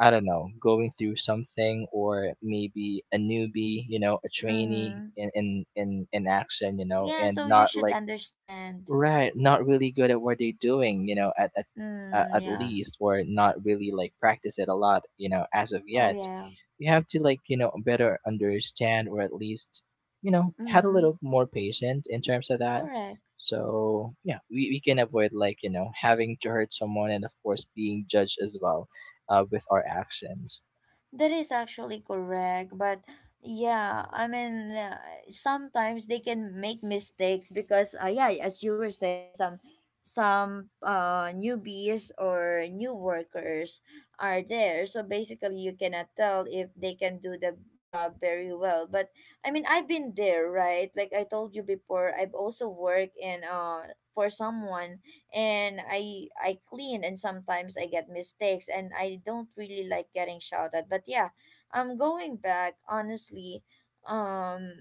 [SPEAKER 2] I don't know, going through something or maybe a newbie, you know, a trainee
[SPEAKER 1] Mm-hmm.
[SPEAKER 2] in action, you know,
[SPEAKER 1] Yeah,
[SPEAKER 2] and
[SPEAKER 1] so you
[SPEAKER 2] not
[SPEAKER 1] should
[SPEAKER 2] like
[SPEAKER 1] understand.
[SPEAKER 2] right, not really good at what they're doing, you know, at
[SPEAKER 1] Mm,
[SPEAKER 2] at
[SPEAKER 1] yeah.
[SPEAKER 2] least, or not really like practice it a lot, you know, as of
[SPEAKER 1] Oh,
[SPEAKER 2] yet.
[SPEAKER 1] yeah.
[SPEAKER 2] You have to like, you know, better understand or at least, you know, had a
[SPEAKER 1] Mm-hmm.
[SPEAKER 2] little more patient in terms of that.
[SPEAKER 1] Correct.
[SPEAKER 2] So yeah, we can avoid like, you know, having to hurt someone and of course being judged as well, with our actions.
[SPEAKER 1] That is actually correct, but yeah, I mean, sometimes they can make mistakes because, yeah, as you were saying, some newbies or new workers are there, so basically you cannot tell if they can do the job very well. But I mean, I've been there, right? Like I told you before, I've also worked in for someone, and I clean, and sometimes I get mistakes and I don't really like getting shouted. But yeah, I'm going back honestly, um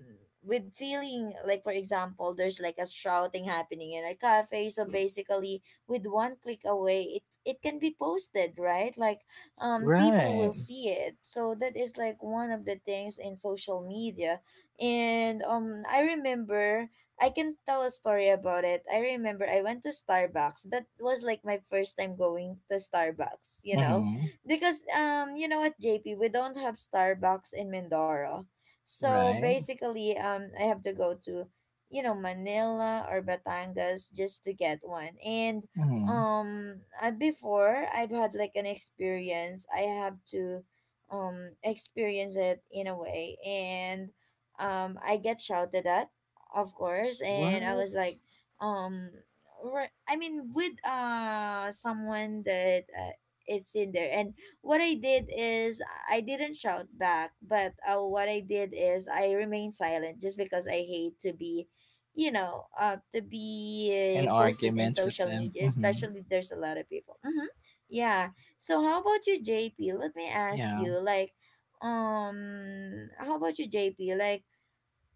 [SPEAKER 1] with feeling like, for example, there's like a shouting happening in a cafe, so basically with one click away, it can be posted, right? Like, people will
[SPEAKER 2] Right.
[SPEAKER 1] see it, so that is like one of the things in social media. And I remember, I can tell a story about it. I remember I went to Starbucks. That was like my first time going to Starbucks, you know?
[SPEAKER 2] Mm-hmm.
[SPEAKER 1] Because you know what, JP, we don't have Starbucks in Mindoro. So
[SPEAKER 2] Right.
[SPEAKER 1] basically I have to go to, you know, Manila or Batangas just to get one. And
[SPEAKER 2] Mm-hmm.
[SPEAKER 1] before, I've had like an experience. I have to experience it in a way. And I get shouted at, of course. And I was
[SPEAKER 2] What?
[SPEAKER 1] like, um I mean, with someone that it's in there. And what I did is, I didn't shout back, but what I did is, I remained silent just because I hate to be, you know, to be
[SPEAKER 2] An
[SPEAKER 1] posted in
[SPEAKER 2] argument with
[SPEAKER 1] social
[SPEAKER 2] them.
[SPEAKER 1] media,
[SPEAKER 2] Mm-hmm.
[SPEAKER 1] especially there's a lot of people. Mm-hmm. Yeah. So how about you, JP? Let me ask
[SPEAKER 2] Yeah.
[SPEAKER 1] you, like, how about you, JP, like,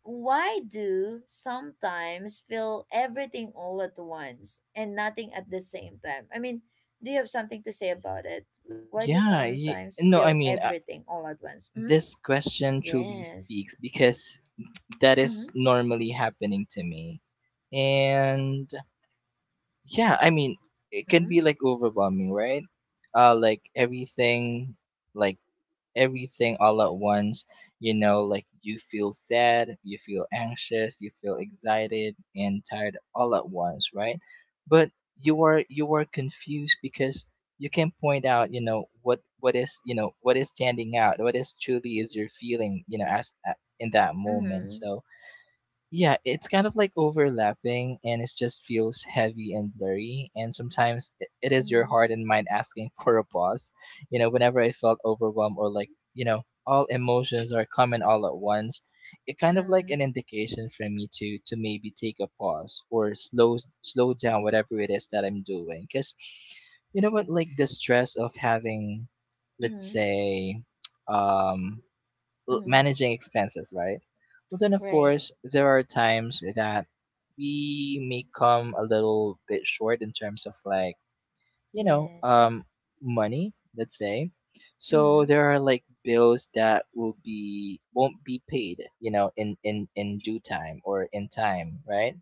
[SPEAKER 1] why do sometimes feel everything all at once and nothing at the same time? I mean, do you have something to say about it? Like, why do
[SPEAKER 2] Yeah, y
[SPEAKER 1] sometimes
[SPEAKER 2] no, I
[SPEAKER 1] feel
[SPEAKER 2] mean,
[SPEAKER 1] everything all at once? Mm-hmm.
[SPEAKER 2] this question truly
[SPEAKER 1] Yes.
[SPEAKER 2] speaks because that
[SPEAKER 1] Mm-hmm.
[SPEAKER 2] is normally happening to me. And yeah, I mean, it can be
[SPEAKER 1] Mm-hmm.
[SPEAKER 2] like overwhelming, right? Uh, like everything, like everything all at once. You know, like you feel sad, you feel anxious, you feel excited and tired all at once, right? But you are confused because you can point out, you know, what is you know what is standing out, what is truly is your feeling, you know, as in that moment. So yeah, it's kind of like overlapping and it just feels heavy and blurry. And sometimes it is your
[SPEAKER 1] Mm-hmm.
[SPEAKER 2] heart and mind asking for a pause. You know, whenever I felt overwhelmed or like, you know, all emotions are coming all at once, it kind of like
[SPEAKER 1] Mm-hmm.
[SPEAKER 2] an indication for me to maybe take a pause or slow slow down whatever it is that I'm doing. Cause you know what, like the stress of having,
[SPEAKER 1] Mm-hmm.
[SPEAKER 2] let's
[SPEAKER 1] Mm-hmm.
[SPEAKER 2] say, um
[SPEAKER 1] Mm-hmm.
[SPEAKER 2] managing expenses, right? But then, of
[SPEAKER 1] Right.
[SPEAKER 2] course, there are times that we may come a little bit short in terms of like, you know,
[SPEAKER 1] Yes.
[SPEAKER 2] money, let's say. So
[SPEAKER 1] Mm-hmm.
[SPEAKER 2] there are like bills that will be won't be paid, you know, in due time or in time, right?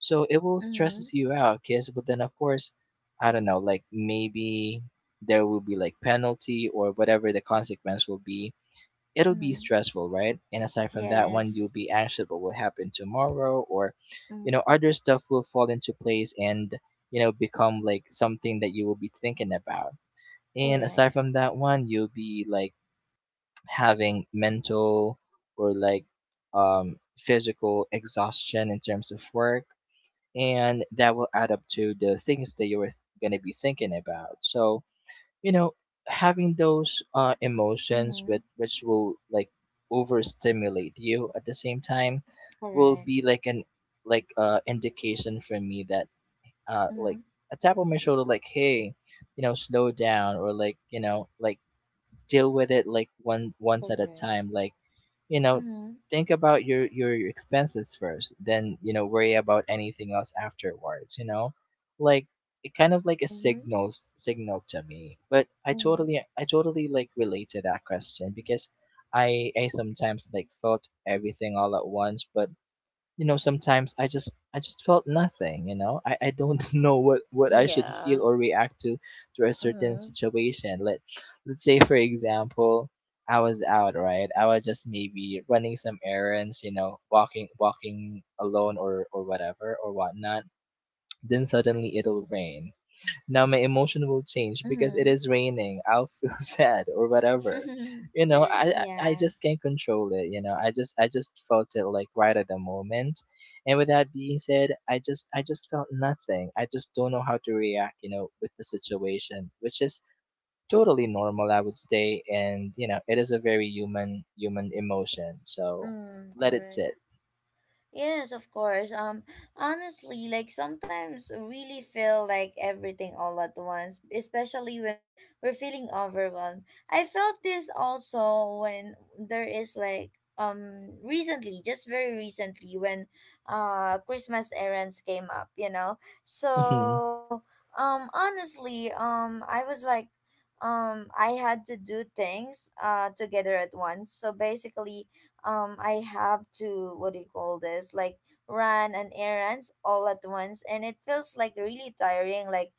[SPEAKER 2] So it will
[SPEAKER 1] Mm-hmm.
[SPEAKER 2] stresses you out, because but then of course, I don't know, like maybe there will be like penalty or whatever the consequence will be, it'll be
[SPEAKER 1] Mm-hmm.
[SPEAKER 2] stressful, right? And aside from that one, you'll
[SPEAKER 1] Yes.
[SPEAKER 2] be anxious what will happen tomorrow, or you know,
[SPEAKER 1] Mm-hmm.
[SPEAKER 2] other stuff will fall into place and you know become like something that you will be thinking about. And
[SPEAKER 1] Correct.
[SPEAKER 2] aside from that one, you'll be like having mental or like physical exhaustion in terms of work, and that will add up to the things that you were going to be thinking about. So you know having those emotions
[SPEAKER 1] Mm-hmm.
[SPEAKER 2] with which will like overstimulate you at the same time will
[SPEAKER 1] Correct.
[SPEAKER 2] be like an indication for me that uh
[SPEAKER 1] Mm-hmm.
[SPEAKER 2] like a tap on my shoulder, like, hey, slow down, or like deal with it, like one once at a
[SPEAKER 1] Correct.
[SPEAKER 2] time, like, you know
[SPEAKER 1] Mm-hmm.
[SPEAKER 2] think about your expenses first, then worry about anything else afterwards, like it kind of like a
[SPEAKER 1] Mm-hmm.
[SPEAKER 2] signal to me. But I
[SPEAKER 1] Mm-hmm.
[SPEAKER 2] totally like relate to that question, because I sometimes like thought everything all at once. But sometimes I just felt nothing. I don't know what I should
[SPEAKER 1] Yeah.
[SPEAKER 2] feel or react to a certain
[SPEAKER 1] Mm-hmm.
[SPEAKER 2] situation. Let's say, for example, I was out, right? I was just maybe running some errands, walking alone, or whatever or whatnot. Then suddenly it'll rain. Now my emotion will change because it
[SPEAKER 1] Mm-hmm.
[SPEAKER 2] is raining. I'll feel sad or whatever. you know i i I
[SPEAKER 1] Yeah.
[SPEAKER 2] just can't control it. I just felt it like right at the moment. And with that being said, I just felt nothing. I just don't know how to react, with the situation, which is totally normal, I would say. And it is a very human emotion. So
[SPEAKER 1] Mm,
[SPEAKER 2] let it sit.
[SPEAKER 1] correct. Yes, of course. Honestly, like sometimes really feel like everything all at once, especially when we're feeling overwhelmed. I felt this also when there is like, recently, just very recently, when Christmas errands came up, you know.
[SPEAKER 2] Hmm.
[SPEAKER 1] So honestly, I was like, I had to do things together at once. So basically I have to, what do you call this, like, run an errands all at once, and it feels like really tiring. Like,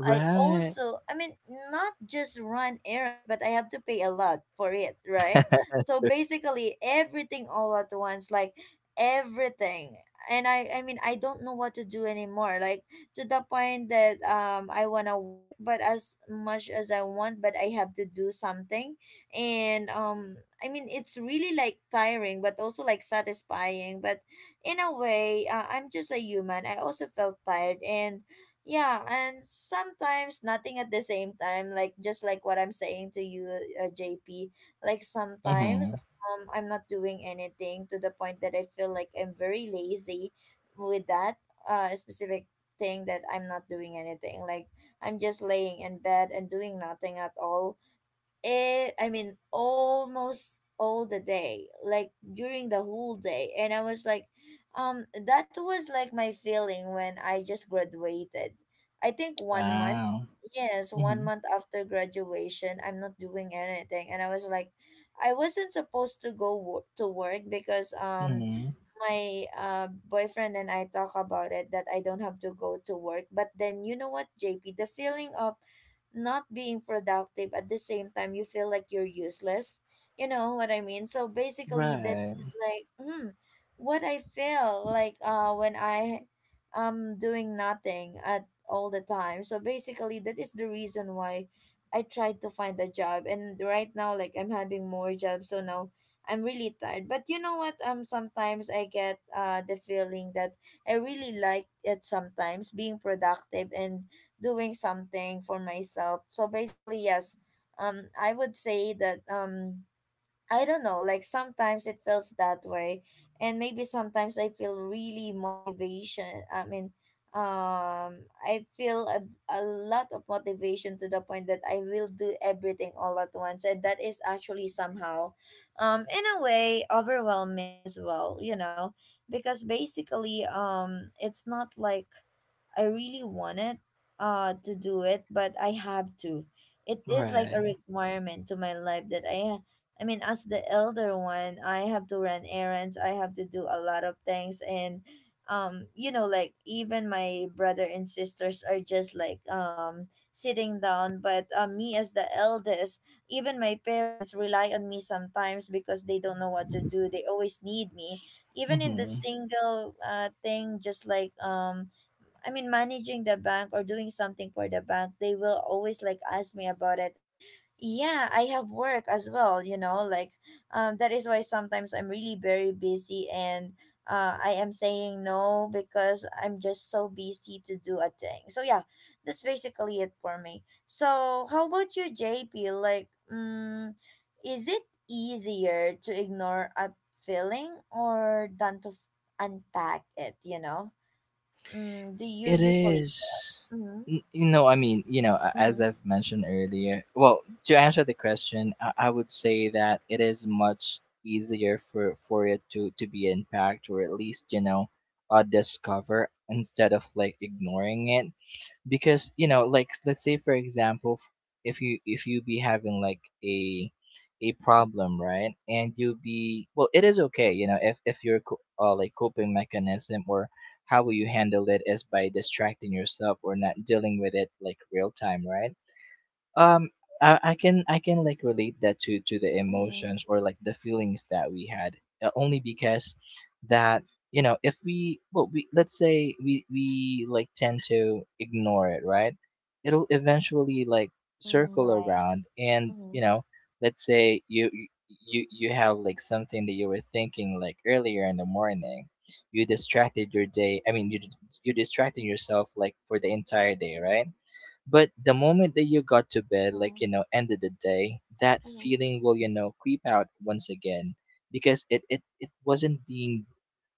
[SPEAKER 1] I also, I mean, not just run errands, but I have to pay a lot for it, right? So basically everything all at once, like everything. And I mean, I don't know what to do anymore. Like, to the point that I want to work, but as much as I want, but I have to do something. And I mean, it's really like tiring, but also like satisfying. But in a way, I'm just a human, I also felt tired. And yeah, and sometimes nothing at the same time, like just like what I'm saying to you, JP. Like, sometimes
[SPEAKER 2] Hmm.
[SPEAKER 1] I'm not doing anything, to the point that I feel like I'm very lazy with that specific thing, that I'm not doing anything, like I'm just laying in bed and doing nothing at all. It, I mean, almost all the day, like during the whole day. And I was like, that was like my feeling when I just graduated. I think one month,
[SPEAKER 2] Wow.
[SPEAKER 1] yes, one
[SPEAKER 2] Hmm.
[SPEAKER 1] month after graduation I'm not doing anything. And I was like, I wasn't supposed to to work because
[SPEAKER 2] Hmm.
[SPEAKER 1] my boyfriend and I talk about it, that I don't have to go to work. But then, you know what, JP, the feeling of not being productive, at the same time you feel like you're useless. You know what I mean? So basically, that
[SPEAKER 2] Right.
[SPEAKER 1] is like, hmm, what I feel like when I am doing nothing at all the time. So basically, that is the reason why I tried to find a job. And right now, like I'm having more jobs, so now I'm really tired. But you know what? Sometimes I get the feeling that I really like it sometimes, being productive and doing something for myself. So basically, yes. I would say that I don't know, like sometimes it feels that way. And maybe sometimes I feel really motivation. I mean, I feel a lot of motivation, to the point that I will do everything all at once. And that is actually somehow in a way overwhelming as well, you know, because basically it's not like I really wanted, it to do it, but I have to. It is like a
[SPEAKER 2] Right.
[SPEAKER 1] requirement to my life that I mean, as the elder one, I have to run errands. I have to do a lot of things. And you know, like even my brother and sisters are just like sitting down. But me as the eldest, even my parents rely on me sometimes because they don't know what to do. They always need me, even in the
[SPEAKER 2] Mhm.
[SPEAKER 1] single thing, just like I mean, managing the bank or doing something for the bank, they will always like ask me about it. And yeah, I have work as well, you know, like that is why sometimes I'm really very busy. And I am saying no because I'm just so busy to do a thing. So yeah, that's basically it for me. So how about you, JP? Like, mm, is it easier to ignore a feeling, or than to unpack it, you know? Mm, do you
[SPEAKER 2] It
[SPEAKER 1] usually?
[SPEAKER 2] is.
[SPEAKER 1] Mm-hmm.
[SPEAKER 2] You know, I mean, as
[SPEAKER 1] Mm-hmm.
[SPEAKER 2] I've mentioned earlier, well, to answer the question, I would say that it is much easier for it to be impact, or at least, discover, instead of like ignoring it. Because let's say, for example, if you be having like a problem, right? And you be, well, it is okay, if your like coping mechanism, or how will you handle it, is by distracting yourself or not dealing with it like real time, right? um I can like relate that to the
[SPEAKER 1] Mm-hmm.
[SPEAKER 2] emotions, or like the feelings that we had, only because that if we, well, we, let's say, we like tend to ignore it, right? It'll eventually like
[SPEAKER 1] Mm,
[SPEAKER 2] circle
[SPEAKER 1] right.
[SPEAKER 2] around, and
[SPEAKER 1] Mm-hmm.
[SPEAKER 2] let's say you have like something that you were thinking like earlier in the morning. You distracted your day, I mean, you you distracted yourself like for the entire day, right? But the moment that you got to bed, like,
[SPEAKER 1] Mm-hmm.
[SPEAKER 2] end of the day, that
[SPEAKER 1] Mm-hmm.
[SPEAKER 2] feeling will, creep out once again, because it, it wasn't being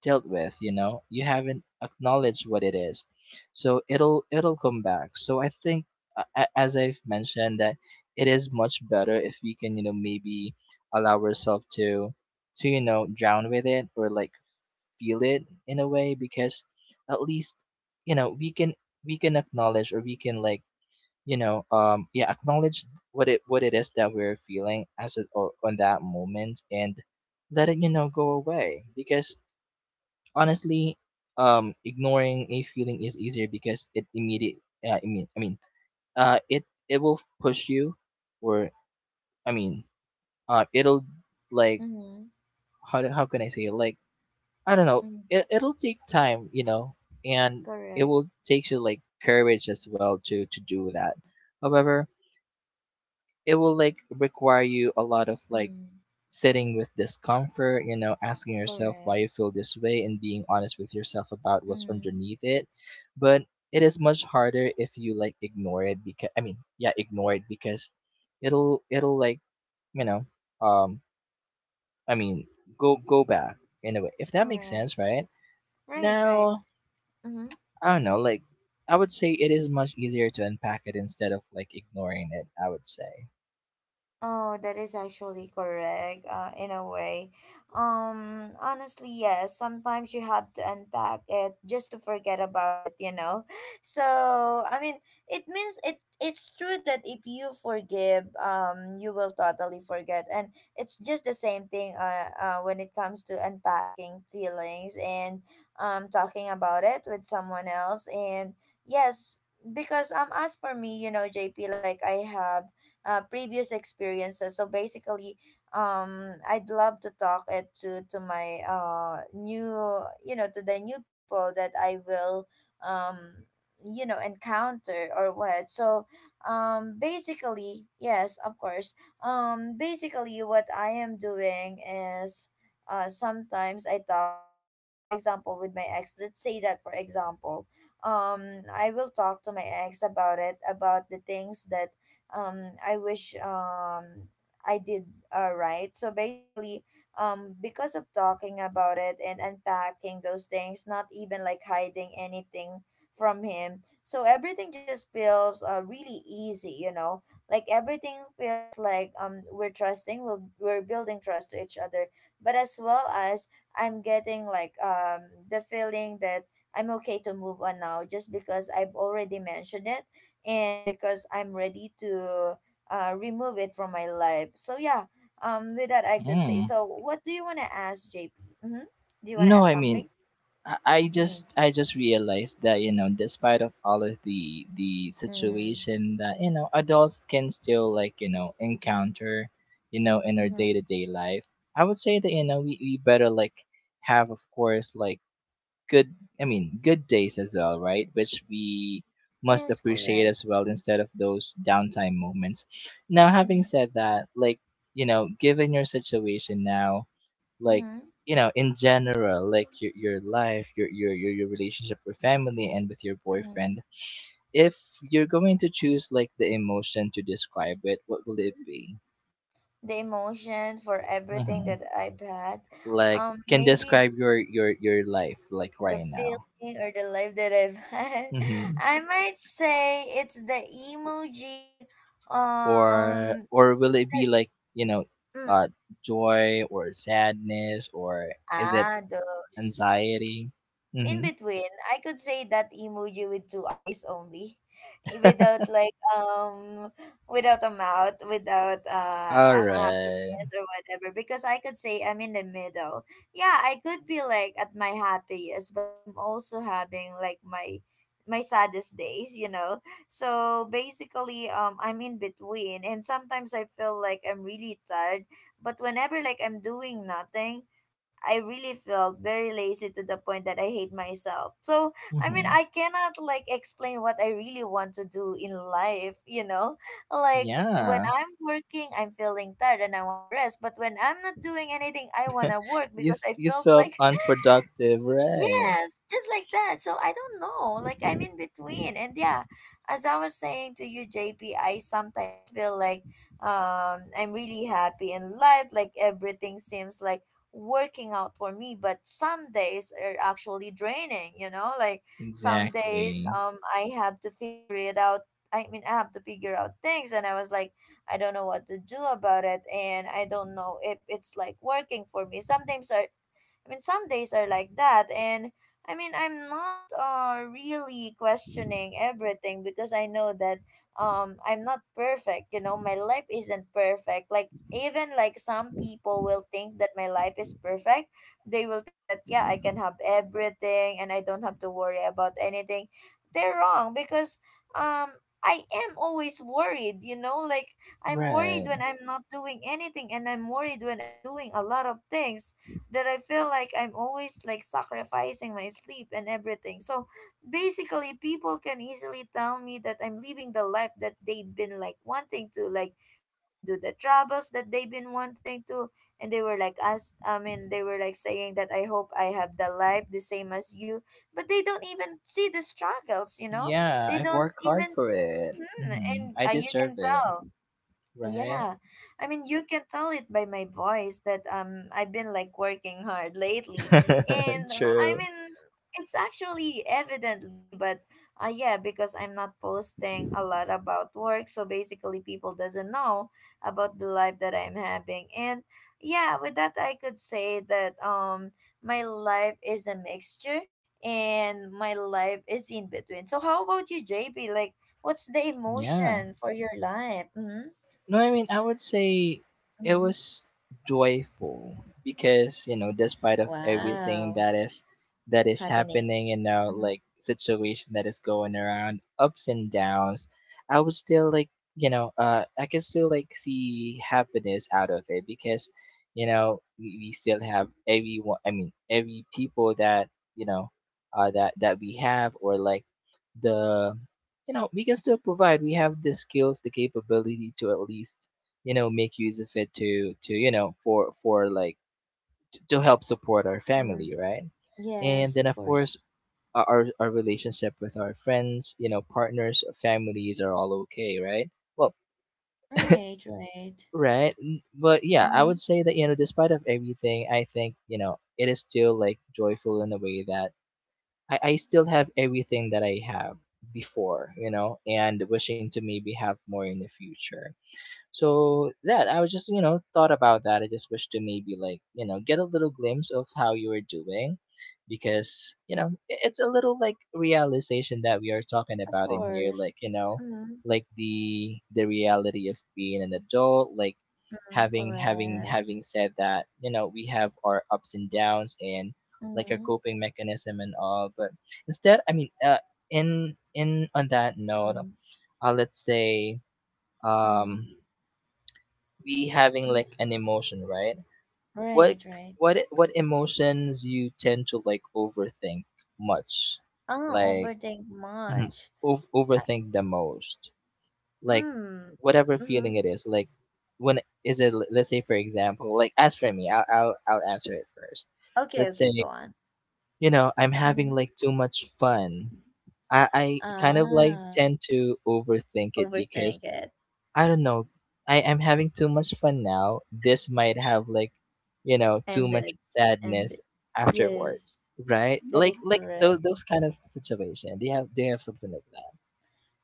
[SPEAKER 2] dealt with. You haven't acknowledged what it is. So it'll, come back. So I think, as I've mentioned, that it is much better if we can, maybe allow ourselves to, drown with it, or like feel it in a way, because, at least, we can acknowledge, or we can, like, yeah, acknowledge what it is that we're feeling, as it, or on that moment, and let it go away. Because honestly, ignoring a feeling is easier because it immediate I mean, it will push you, or, I mean, it'll like...
[SPEAKER 1] Mm-hmm.
[SPEAKER 2] how can I say it, like, I don't know.
[SPEAKER 1] Mm-hmm.
[SPEAKER 2] It'll take time, and it
[SPEAKER 1] Correct.
[SPEAKER 2] will take you like courage as well to do that. However, it will like require you a lot of like
[SPEAKER 1] Mm-hmm.
[SPEAKER 2] sitting with discomfort, asking yourself why
[SPEAKER 1] Correct.
[SPEAKER 2] you feel this way, and being honest with yourself about what's
[SPEAKER 1] Mm-hmm.
[SPEAKER 2] underneath it. But it is much harder if you like ignore it, because, I mean, yeah, ignore it, because it'll like, you know, um I mean, go back, in a way. If that makes
[SPEAKER 1] Correct.
[SPEAKER 2] sense, right?
[SPEAKER 1] Right, right.
[SPEAKER 2] Now,
[SPEAKER 1] Mm-hmm.
[SPEAKER 2] I don't know, like, I would say it is much easier to unpack it, instead of like ignoring it, I would say.
[SPEAKER 1] Oh, that is actually correct, in a way. Honestly, yes, sometimes you have to unpack it just to forget about it, you know? So, I mean, it means it's true that if you forgive, you will totally forget. And it's just the same thing when it comes to unpacking feelings and talking about it with someone else. And yes, because as for me, you know, JP, like I have previous experiences. So basically, I'd love to talk it to my new to the new people that I will um encounter or what. So basically, yes, of course. Basically what I am doing is. Sometimes I talk it, like for example with my ex. Let's say that for example, I will talk to my ex about it, about the things that I wish I did, right. So basically, because of talking about it and unpacking those things, not even like hiding anything from him, so everything just feels really easy, you know, like everything feels like we're we're building trust to each other, but as well as I'm getting like the feeling that I'm okay to move on now, just because I've already mentioned it, and because I'm ready to remove it from my life. So yeah, with that I could say.
[SPEAKER 2] Mm.
[SPEAKER 1] So what do you want to ask, JP? Mm-hmm. Do you want to
[SPEAKER 2] No,
[SPEAKER 1] ask
[SPEAKER 2] I mean,
[SPEAKER 1] something? Mm-hmm.
[SPEAKER 2] I just realized that despite of all of the
[SPEAKER 1] Mm-hmm.
[SPEAKER 2] situation that adults can still like encounter, in our day-to-day life. I would say that we better like have, of course, like good, I mean, good days as well, right? Which we must
[SPEAKER 1] Yes,
[SPEAKER 2] appreciate
[SPEAKER 1] correct.
[SPEAKER 2] as well, instead of those downtime moments. Now, having
[SPEAKER 1] Mm-hmm.
[SPEAKER 2] said that, like, given your situation now, like
[SPEAKER 1] Mm-hmm.
[SPEAKER 2] in general, like your life, your relationship with family and with your
[SPEAKER 1] Mm-hmm.
[SPEAKER 2] boyfriend, if you're going to choose like the emotion to describe it, what will it be?
[SPEAKER 1] The emotion for everything
[SPEAKER 2] Mm-hmm.
[SPEAKER 1] that I've had,
[SPEAKER 2] Like, can
[SPEAKER 1] maybe
[SPEAKER 2] describe your life like
[SPEAKER 1] the
[SPEAKER 2] right now?
[SPEAKER 1] feeling or the life that I've had.
[SPEAKER 2] Mm-hmm.
[SPEAKER 1] I might say it's the emoji,
[SPEAKER 2] Or
[SPEAKER 1] um,
[SPEAKER 2] will it be
[SPEAKER 1] that,
[SPEAKER 2] like,
[SPEAKER 1] mm,
[SPEAKER 2] uh joy or sadness, or is it
[SPEAKER 1] ah, those.
[SPEAKER 2] anxiety?
[SPEAKER 1] In
[SPEAKER 2] Mm-hmm.
[SPEAKER 1] between, I could say that emoji with two eyes only, without like without a mouth, without
[SPEAKER 2] All
[SPEAKER 1] a
[SPEAKER 2] right.
[SPEAKER 1] happiness or whatever. Because I could say I'm in the middle. Yeah, I could be like at my happiest, but I'm also having like my saddest days, you know. So basically, I'm in between, and sometimes I feel like I'm really tired. But whenever like I'm doing nothing. I really felt very lazy to the point that I hate myself. So, I mean,
[SPEAKER 2] Mm-hmm.
[SPEAKER 1] I cannot like explain what I really want to do in life, you know? Like when
[SPEAKER 2] Yeah,
[SPEAKER 1] I'm working, I'm feeling tired and I want to rest, but when I'm not doing anything, I want to work
[SPEAKER 2] you
[SPEAKER 1] because I
[SPEAKER 2] you
[SPEAKER 1] felt
[SPEAKER 2] felt
[SPEAKER 1] like.
[SPEAKER 2] unproductive, right?
[SPEAKER 1] Yes, just like that. So I don't know. Like I'm in between. And yeah, as I was saying to you, JP, I sometimes feel like I'm really happy in life. Like everything seems like working out for me, but some days are actually draining, you know? Like some days
[SPEAKER 2] Exactly.
[SPEAKER 1] I have to figure it out. I mean, I have to figure out things and I was like, I don't know what to do about it, and I don't know if it's like working for me. Sometimes I mean, some days are like that. And I mean, I'm not really questioning everything because I know that I'm not perfect. You know, my life isn't perfect. Like even like some people will think that my life is perfect. They will think that yeah, I can have everything and I don't have to worry about anything. They're wrong because um I am always worried, you know, like I'm worried
[SPEAKER 2] Right.
[SPEAKER 1] when I'm not doing anything, and I'm worried when I'm doing a lot of things that I feel like I'm always like sacrificing my sleep and everything. So basically, people can easily tell me that I'm living the life that they've been like wanting to. Like I can do the travels that they've been wanting to, and they were like us. I mean, they were like saying that I hope I have the life the same as you, but they don't even see the struggles. You know,
[SPEAKER 2] Yeah,
[SPEAKER 1] they
[SPEAKER 2] I've
[SPEAKER 1] don't
[SPEAKER 2] worked hard
[SPEAKER 1] even.
[SPEAKER 2] for it.
[SPEAKER 1] Mhm.
[SPEAKER 2] Hmm,
[SPEAKER 1] And
[SPEAKER 2] I
[SPEAKER 1] you
[SPEAKER 2] deserve
[SPEAKER 1] can
[SPEAKER 2] it,
[SPEAKER 1] tell.
[SPEAKER 2] right?
[SPEAKER 1] Yeah, I mean, you can tell it by my voice that I've been like working hard lately, and I
[SPEAKER 2] True.
[SPEAKER 1] mean it's actually evidently, but yeah, because I'm not posting a lot about work, so basically people doesn't know about the life that I'm having, and yeah, with that I could say that my life is a mixture, and my life is in between. So how about you, JP? Like, what's the
[SPEAKER 2] Yeah.
[SPEAKER 1] emotion for your life? Mm-hmm.
[SPEAKER 2] No, I mean, I would say it
[SPEAKER 1] Mhm.
[SPEAKER 2] was joyful because, despite of everything
[SPEAKER 1] Wow,
[SPEAKER 2] that is
[SPEAKER 1] happening.
[SPEAKER 2] happening, and now
[SPEAKER 1] Mhm.
[SPEAKER 2] like situation that is going around, ups and downs, I would still like, I can still like see happiness out of it, because we still have everyone, I mean, every people that, you know, that we have, or like the, we can still provide, we have the skills, the capability to, at least, make use of it, to for like to help support our
[SPEAKER 1] Mm,
[SPEAKER 2] family, right? And
[SPEAKER 1] yes, of
[SPEAKER 2] then, of course,
[SPEAKER 1] course.
[SPEAKER 2] our relationship with our friends, partners, families, are all okay, right? Well,
[SPEAKER 1] Right, right.
[SPEAKER 2] right, but yeah, I would
[SPEAKER 1] Mm-hmm.
[SPEAKER 2] say that despite of everything, I think, it is still like joyful, in a way that I still have everything that I have before, and wishing to maybe have more in the future. So that I was just, thought about that. I just wish to maybe like get a little glimpse of how you are doing, because it's a little like realization that we are talking
[SPEAKER 1] Of
[SPEAKER 2] about in here.
[SPEAKER 1] course.
[SPEAKER 2] Like,
[SPEAKER 1] Mm-hmm.
[SPEAKER 2] like the reality of being an adult. Like,
[SPEAKER 1] Mm, correct.
[SPEAKER 2] having said that, we have our ups and downs and like our
[SPEAKER 1] Mm-hmm.
[SPEAKER 2] coping mechanism and all. But instead, I mean, in on that note,
[SPEAKER 1] Mm,
[SPEAKER 2] let's say,
[SPEAKER 1] mm,
[SPEAKER 2] um we having
[SPEAKER 1] yeah.
[SPEAKER 2] like an emotion, right? What
[SPEAKER 1] Right, right.
[SPEAKER 2] what emotions you tend to like overthink much,
[SPEAKER 1] I don't
[SPEAKER 2] like,
[SPEAKER 1] overthink
[SPEAKER 2] mhm,
[SPEAKER 1] much. I,
[SPEAKER 2] overthink the most, like
[SPEAKER 1] mm,
[SPEAKER 2] whatever
[SPEAKER 1] mm-hmm.
[SPEAKER 2] feeling it is, like, when is it? Let's say, for example, like, as for me, I'll answer it first.
[SPEAKER 1] Okay,
[SPEAKER 2] Let's say
[SPEAKER 1] okay, go on.
[SPEAKER 2] I'm
[SPEAKER 1] Mm-hmm.
[SPEAKER 2] having like too much fun. I kind of like
[SPEAKER 1] Ah,
[SPEAKER 2] tend to overthink it,
[SPEAKER 1] overthink
[SPEAKER 2] because
[SPEAKER 1] it.
[SPEAKER 2] I don't know, I am having too much fun now. This might have like, too much
[SPEAKER 1] Ended. And
[SPEAKER 2] sadness
[SPEAKER 1] yes,
[SPEAKER 2] afterwards, right?
[SPEAKER 1] that
[SPEAKER 2] Like
[SPEAKER 1] is
[SPEAKER 2] like
[SPEAKER 1] correct.
[SPEAKER 2] those kind of situation. They have something like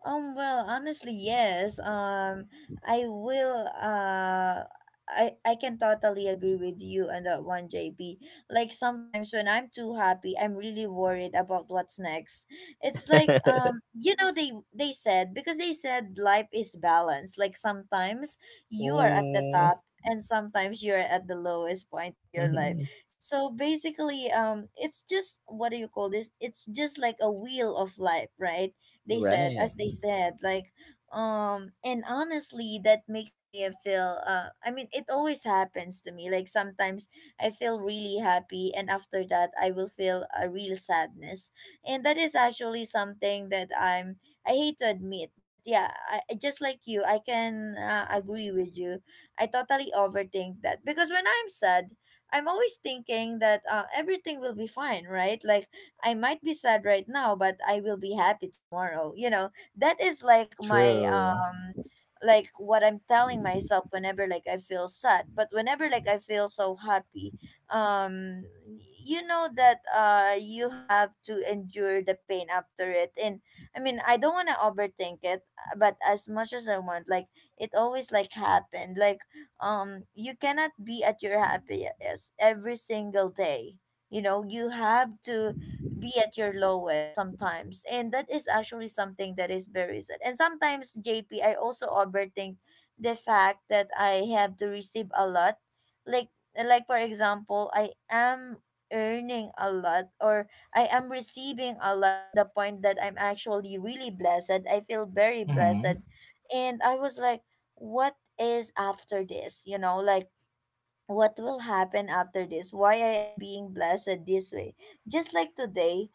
[SPEAKER 1] Well, honestly, yes. I will, uh, I can totally agree with you on that one, JP. Like sometimes when I'm too happy, I'm really worried about what's next. It's like,
[SPEAKER 2] that.
[SPEAKER 1] you know, they said, because they said life is balanced. Like sometimes you are at the
[SPEAKER 2] Oh,
[SPEAKER 1] top and sometimes you're at the lowest point of your life.
[SPEAKER 2] hmm.
[SPEAKER 1] So basically, it's just, what do you call this? It's just like a wheel of life, right? they said
[SPEAKER 2] Right.
[SPEAKER 1] as they said, like and honestly that makes me feel I mean, it always happens to me. Like sometimes I feel really happy, and after that I will feel a real sadness, and that is actually something that I hate to admit. But yeah, just like you, I can agree with you. I totally overthink that because when I'm sad, I'm always thinking that everything will be fine, right? Like I might be sad right now, but I will be happy tomorrow. You know, that is like my
[SPEAKER 2] True.
[SPEAKER 1] like what I'm telling myself whenever like I feel sad. But whenever like I feel so happy, um you know that you have to endure the pain after it. And I mean, I don't wanna overthink it, but as much as I want, like it always like happened. Like you cannot be at your happiest every single day. You know, you have to be at your lowest sometimes, and that is actually something that is very sad. And sometimes, JP, I also overthink the fact that I have to receive a lot. like like for example, I am earning a lot, or I am receiving a lot to the point that I'm actually really blessed. I feel very
[SPEAKER 2] Hmm.
[SPEAKER 1] blessed, and I was like, what is after this? You know, like what will happen after this? Why I am being blessed this way? Just like today,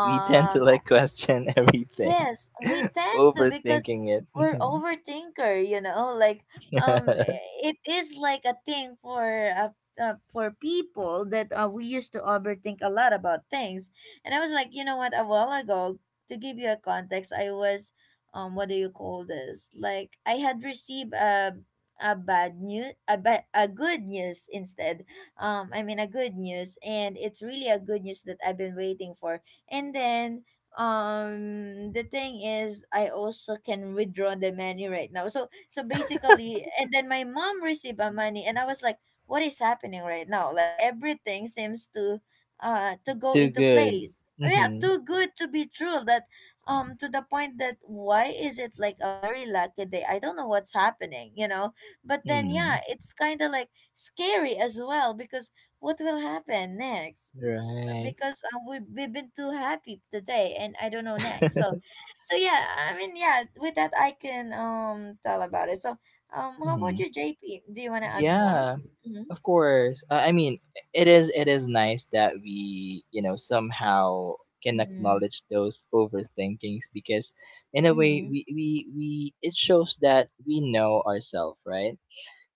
[SPEAKER 2] We tend to like question everything.
[SPEAKER 1] yes, we tend to, because
[SPEAKER 2] Overthinking it.
[SPEAKER 1] we're
[SPEAKER 2] Mhm.
[SPEAKER 1] overthinker, you know, like um it is like a thing uh, for people that we used to overthink a lot about things. And I was like, you know what, a while ago, to give you a context, I was what do you call this? Like I had received a bad news, a good news instead. I mean, a good news, and it's really a good news that I've been waiting for. And then the thing is I also can withdraw the money right now. So basically, and then my mom received a money, and I was like, what is happening right now? Like everything seems to go
[SPEAKER 2] Too
[SPEAKER 1] into
[SPEAKER 2] good.
[SPEAKER 1] place. Yeah,
[SPEAKER 2] Hmm.
[SPEAKER 1] too good to be true that to the point that why is it like a very lucky day? I don't know what's happening, you know. But then yeah,
[SPEAKER 2] Mm.
[SPEAKER 1] it's kind of like scary as well because what will happen next,
[SPEAKER 2] Right.
[SPEAKER 1] because we we've been too happy today, and I don't know next. So, so yeah, I mean, yeah. With that, I can tell about it. So, how about
[SPEAKER 2] Mhm.
[SPEAKER 1] you, JP? Do you want to add more?
[SPEAKER 2] Yeah,
[SPEAKER 1] Mm-hmm.
[SPEAKER 2] of course. I mean, it is nice that we, somehow can
[SPEAKER 1] Mm-hmm.
[SPEAKER 2] acknowledge those overthinkings, because, in a way,
[SPEAKER 1] Mm-hmm.
[SPEAKER 2] we it shows that we know ourselves, right?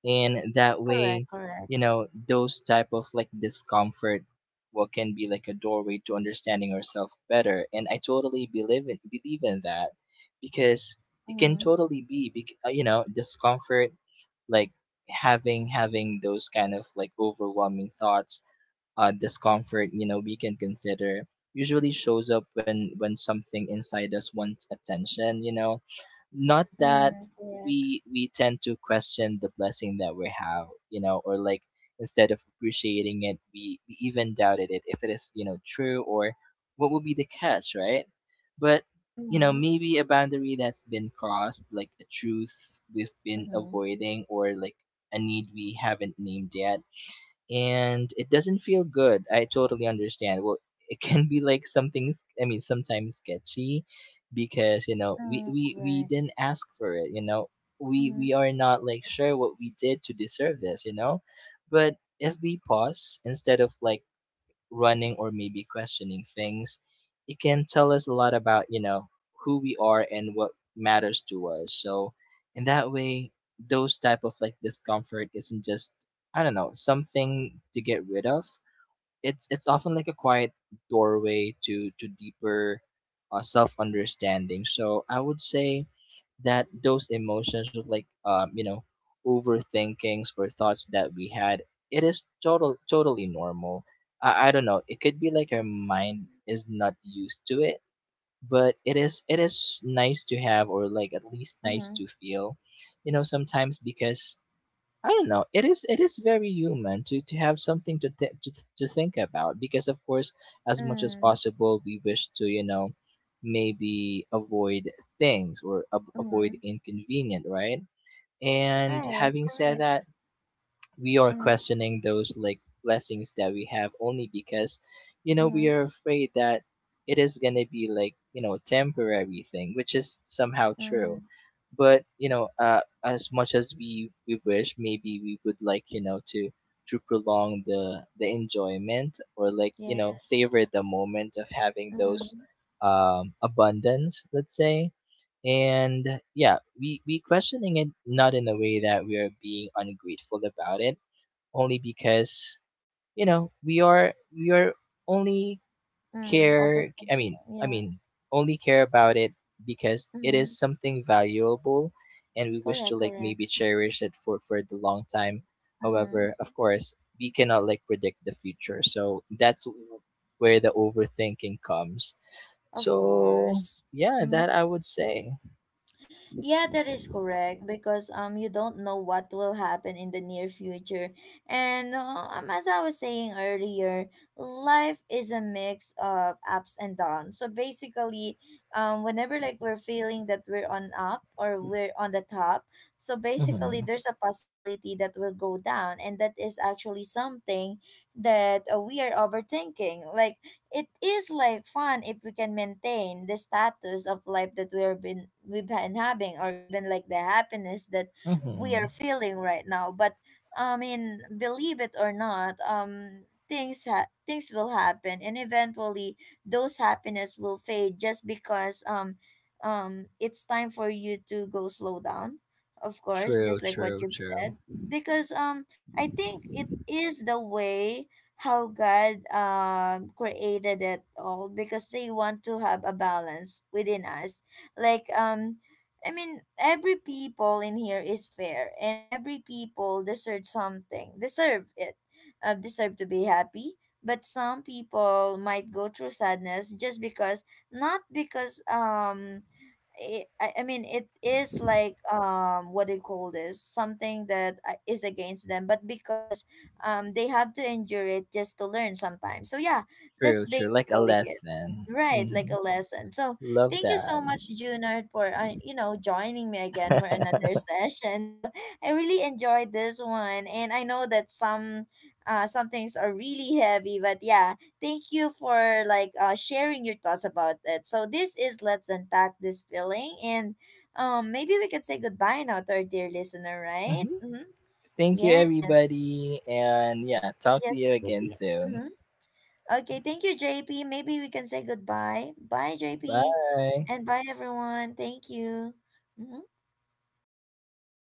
[SPEAKER 2] And that way,
[SPEAKER 1] Correct. Correct.
[SPEAKER 2] those type of like discomfort, what can be like a doorway to understanding ourselves better. And I totally believe in that, because it can
[SPEAKER 1] Mm-hmm.
[SPEAKER 2] totally be, discomfort, like, having those kind of like overwhelming thoughts, discomfort, we can consider, usually shows up when something inside us wants attention, not that
[SPEAKER 1] Mm-hmm. Correct.
[SPEAKER 2] we tend to question the blessing that we have, or like, instead of appreciating it, we even doubted it if it is, true, or what would be the catch, right? But,
[SPEAKER 1] Mm-hmm.
[SPEAKER 2] maybe a boundary that's been crossed, like a truth we've been
[SPEAKER 1] Mm-hmm.
[SPEAKER 2] avoiding, or like a need we haven't named yet, and it doesn't feel good. I totally understand. Well, it can be like something, I mean, sometimes sketchy, because, we,
[SPEAKER 1] Mm-hmm.
[SPEAKER 2] we
[SPEAKER 1] Correct.
[SPEAKER 2] didn't ask for it. We,
[SPEAKER 1] Mm-hmm.
[SPEAKER 2] we are not like sure what we did to deserve this. But if we pause, instead of like running or maybe questioning things, it can tell us a lot about, who we are and what matters to us. So, in that way, those type of like discomfort isn't just, I don't know, something to get rid of. It's, often like a quiet doorway to deeper self understanding. So I would say that those emotions was like, overthinkings or thoughts that we had, it is totally normal. I don't know, it could be like
[SPEAKER 1] Yes,
[SPEAKER 2] our
[SPEAKER 1] correct.
[SPEAKER 2] mind
[SPEAKER 1] That
[SPEAKER 2] is
[SPEAKER 1] is
[SPEAKER 2] not
[SPEAKER 1] honestly
[SPEAKER 2] used to it.
[SPEAKER 1] correct,
[SPEAKER 2] But
[SPEAKER 1] JP.
[SPEAKER 2] it is
[SPEAKER 1] Mm-hmm.
[SPEAKER 2] nice to have, or like at least nice
[SPEAKER 1] Mm-hmm.
[SPEAKER 2] to feel, sometimes, because I don't know, it is very human to have something to think about, because, of course, as much as
[SPEAKER 1] Mm-hmm.
[SPEAKER 2] possible, we wish to, maybe avoid things, or avoid
[SPEAKER 1] Mm-hmm.
[SPEAKER 2] inconvenient, right? And
[SPEAKER 1] Right,
[SPEAKER 2] having said
[SPEAKER 1] correct.
[SPEAKER 2] that, we are
[SPEAKER 1] Mm-hmm.
[SPEAKER 2] questioning those like blessings that we have, only because we
[SPEAKER 1] Mm-hmm.
[SPEAKER 2] are afraid that it is going to be like, temporary thing, which is somehow
[SPEAKER 1] Mm-hmm.
[SPEAKER 2] true. But, as much as we wish, maybe we would like, to prolong the enjoyment, or like,
[SPEAKER 1] Yes.
[SPEAKER 2] savor the moment of having those,
[SPEAKER 1] Mm,
[SPEAKER 2] abundance, let's say. And yeah, we questioning it, not in a way that we are being ungrateful about it, only because, we are only
[SPEAKER 1] mm,
[SPEAKER 2] care, i
[SPEAKER 1] overthinking.
[SPEAKER 2] mean i
[SPEAKER 1] Yeah.
[SPEAKER 2] mean only care about it, because it is
[SPEAKER 1] Mm,
[SPEAKER 2] something valuable. And we wish to
[SPEAKER 1] correct,
[SPEAKER 2] like
[SPEAKER 1] correct.
[SPEAKER 2] maybe cherish it for the long time. However,
[SPEAKER 1] Mm,
[SPEAKER 2] of course, we cannot like predict the future, so that's where the overthinking comes. So
[SPEAKER 1] of course.
[SPEAKER 2] yeah, that
[SPEAKER 1] Mm.
[SPEAKER 2] I would say.
[SPEAKER 1] Yeah, that is correct because you don't know what will happen in the near future. And as I was saying earlier, life is a mix of ups and downs. So basically, whenever like we're feeling that we're on up or we're on the top, so basically
[SPEAKER 2] Mm-hmm.
[SPEAKER 1] there's a possibility that we'll go down, and that is actually something that we are overthinking. Like it is like fun if we can maintain the status of life that we've been having, or even like the happiness that we are
[SPEAKER 2] Mm-hmm.
[SPEAKER 1] feeling right now. But I mean, believe it or not, things things will happen, and eventually those happiness will fade just because it's time for you to go slow down, of course,
[SPEAKER 2] True,
[SPEAKER 1] just like what
[SPEAKER 2] true,
[SPEAKER 1] you
[SPEAKER 2] true,
[SPEAKER 1] said, because I think it is the way how God created it all, because they want to have a balance within us. Like I mean, every people in here is fair, and every people deserve something. Deserve it. Deserve to be happy. But some people might go through sadness just because, not because it, I mean it is like what do you call this, something that is against them, but because they have to endure it just to learn sometimes. So yeah, that's
[SPEAKER 2] true, true, like a
[SPEAKER 1] basically it.
[SPEAKER 2] lesson.
[SPEAKER 1] Right, like
[SPEAKER 2] Mm-hmm.
[SPEAKER 1] a lesson. So
[SPEAKER 2] Love
[SPEAKER 1] thank you
[SPEAKER 2] that.
[SPEAKER 1] so much, Junard, for you know, joining me again for another session. So I really enjoyed this one, and I know that some things are really heavy, but yeah. Thank you for like sharing your thoughts about it. So this is, let's unpack this feeling. And maybe we can say goodbye now to our dear listener, right?
[SPEAKER 2] Mhm.
[SPEAKER 1] Mm-hmm.
[SPEAKER 2] Thank you,
[SPEAKER 1] Yes,
[SPEAKER 2] everybody. And yeah, talk to
[SPEAKER 1] yes,
[SPEAKER 2] you again
[SPEAKER 1] JP.
[SPEAKER 2] soon.
[SPEAKER 1] Mm-hmm. Okay, thank you, JP. Maybe we can say goodbye. Bye, JP,
[SPEAKER 2] Bye.
[SPEAKER 1] and bye, everyone. Thank you. Mhm.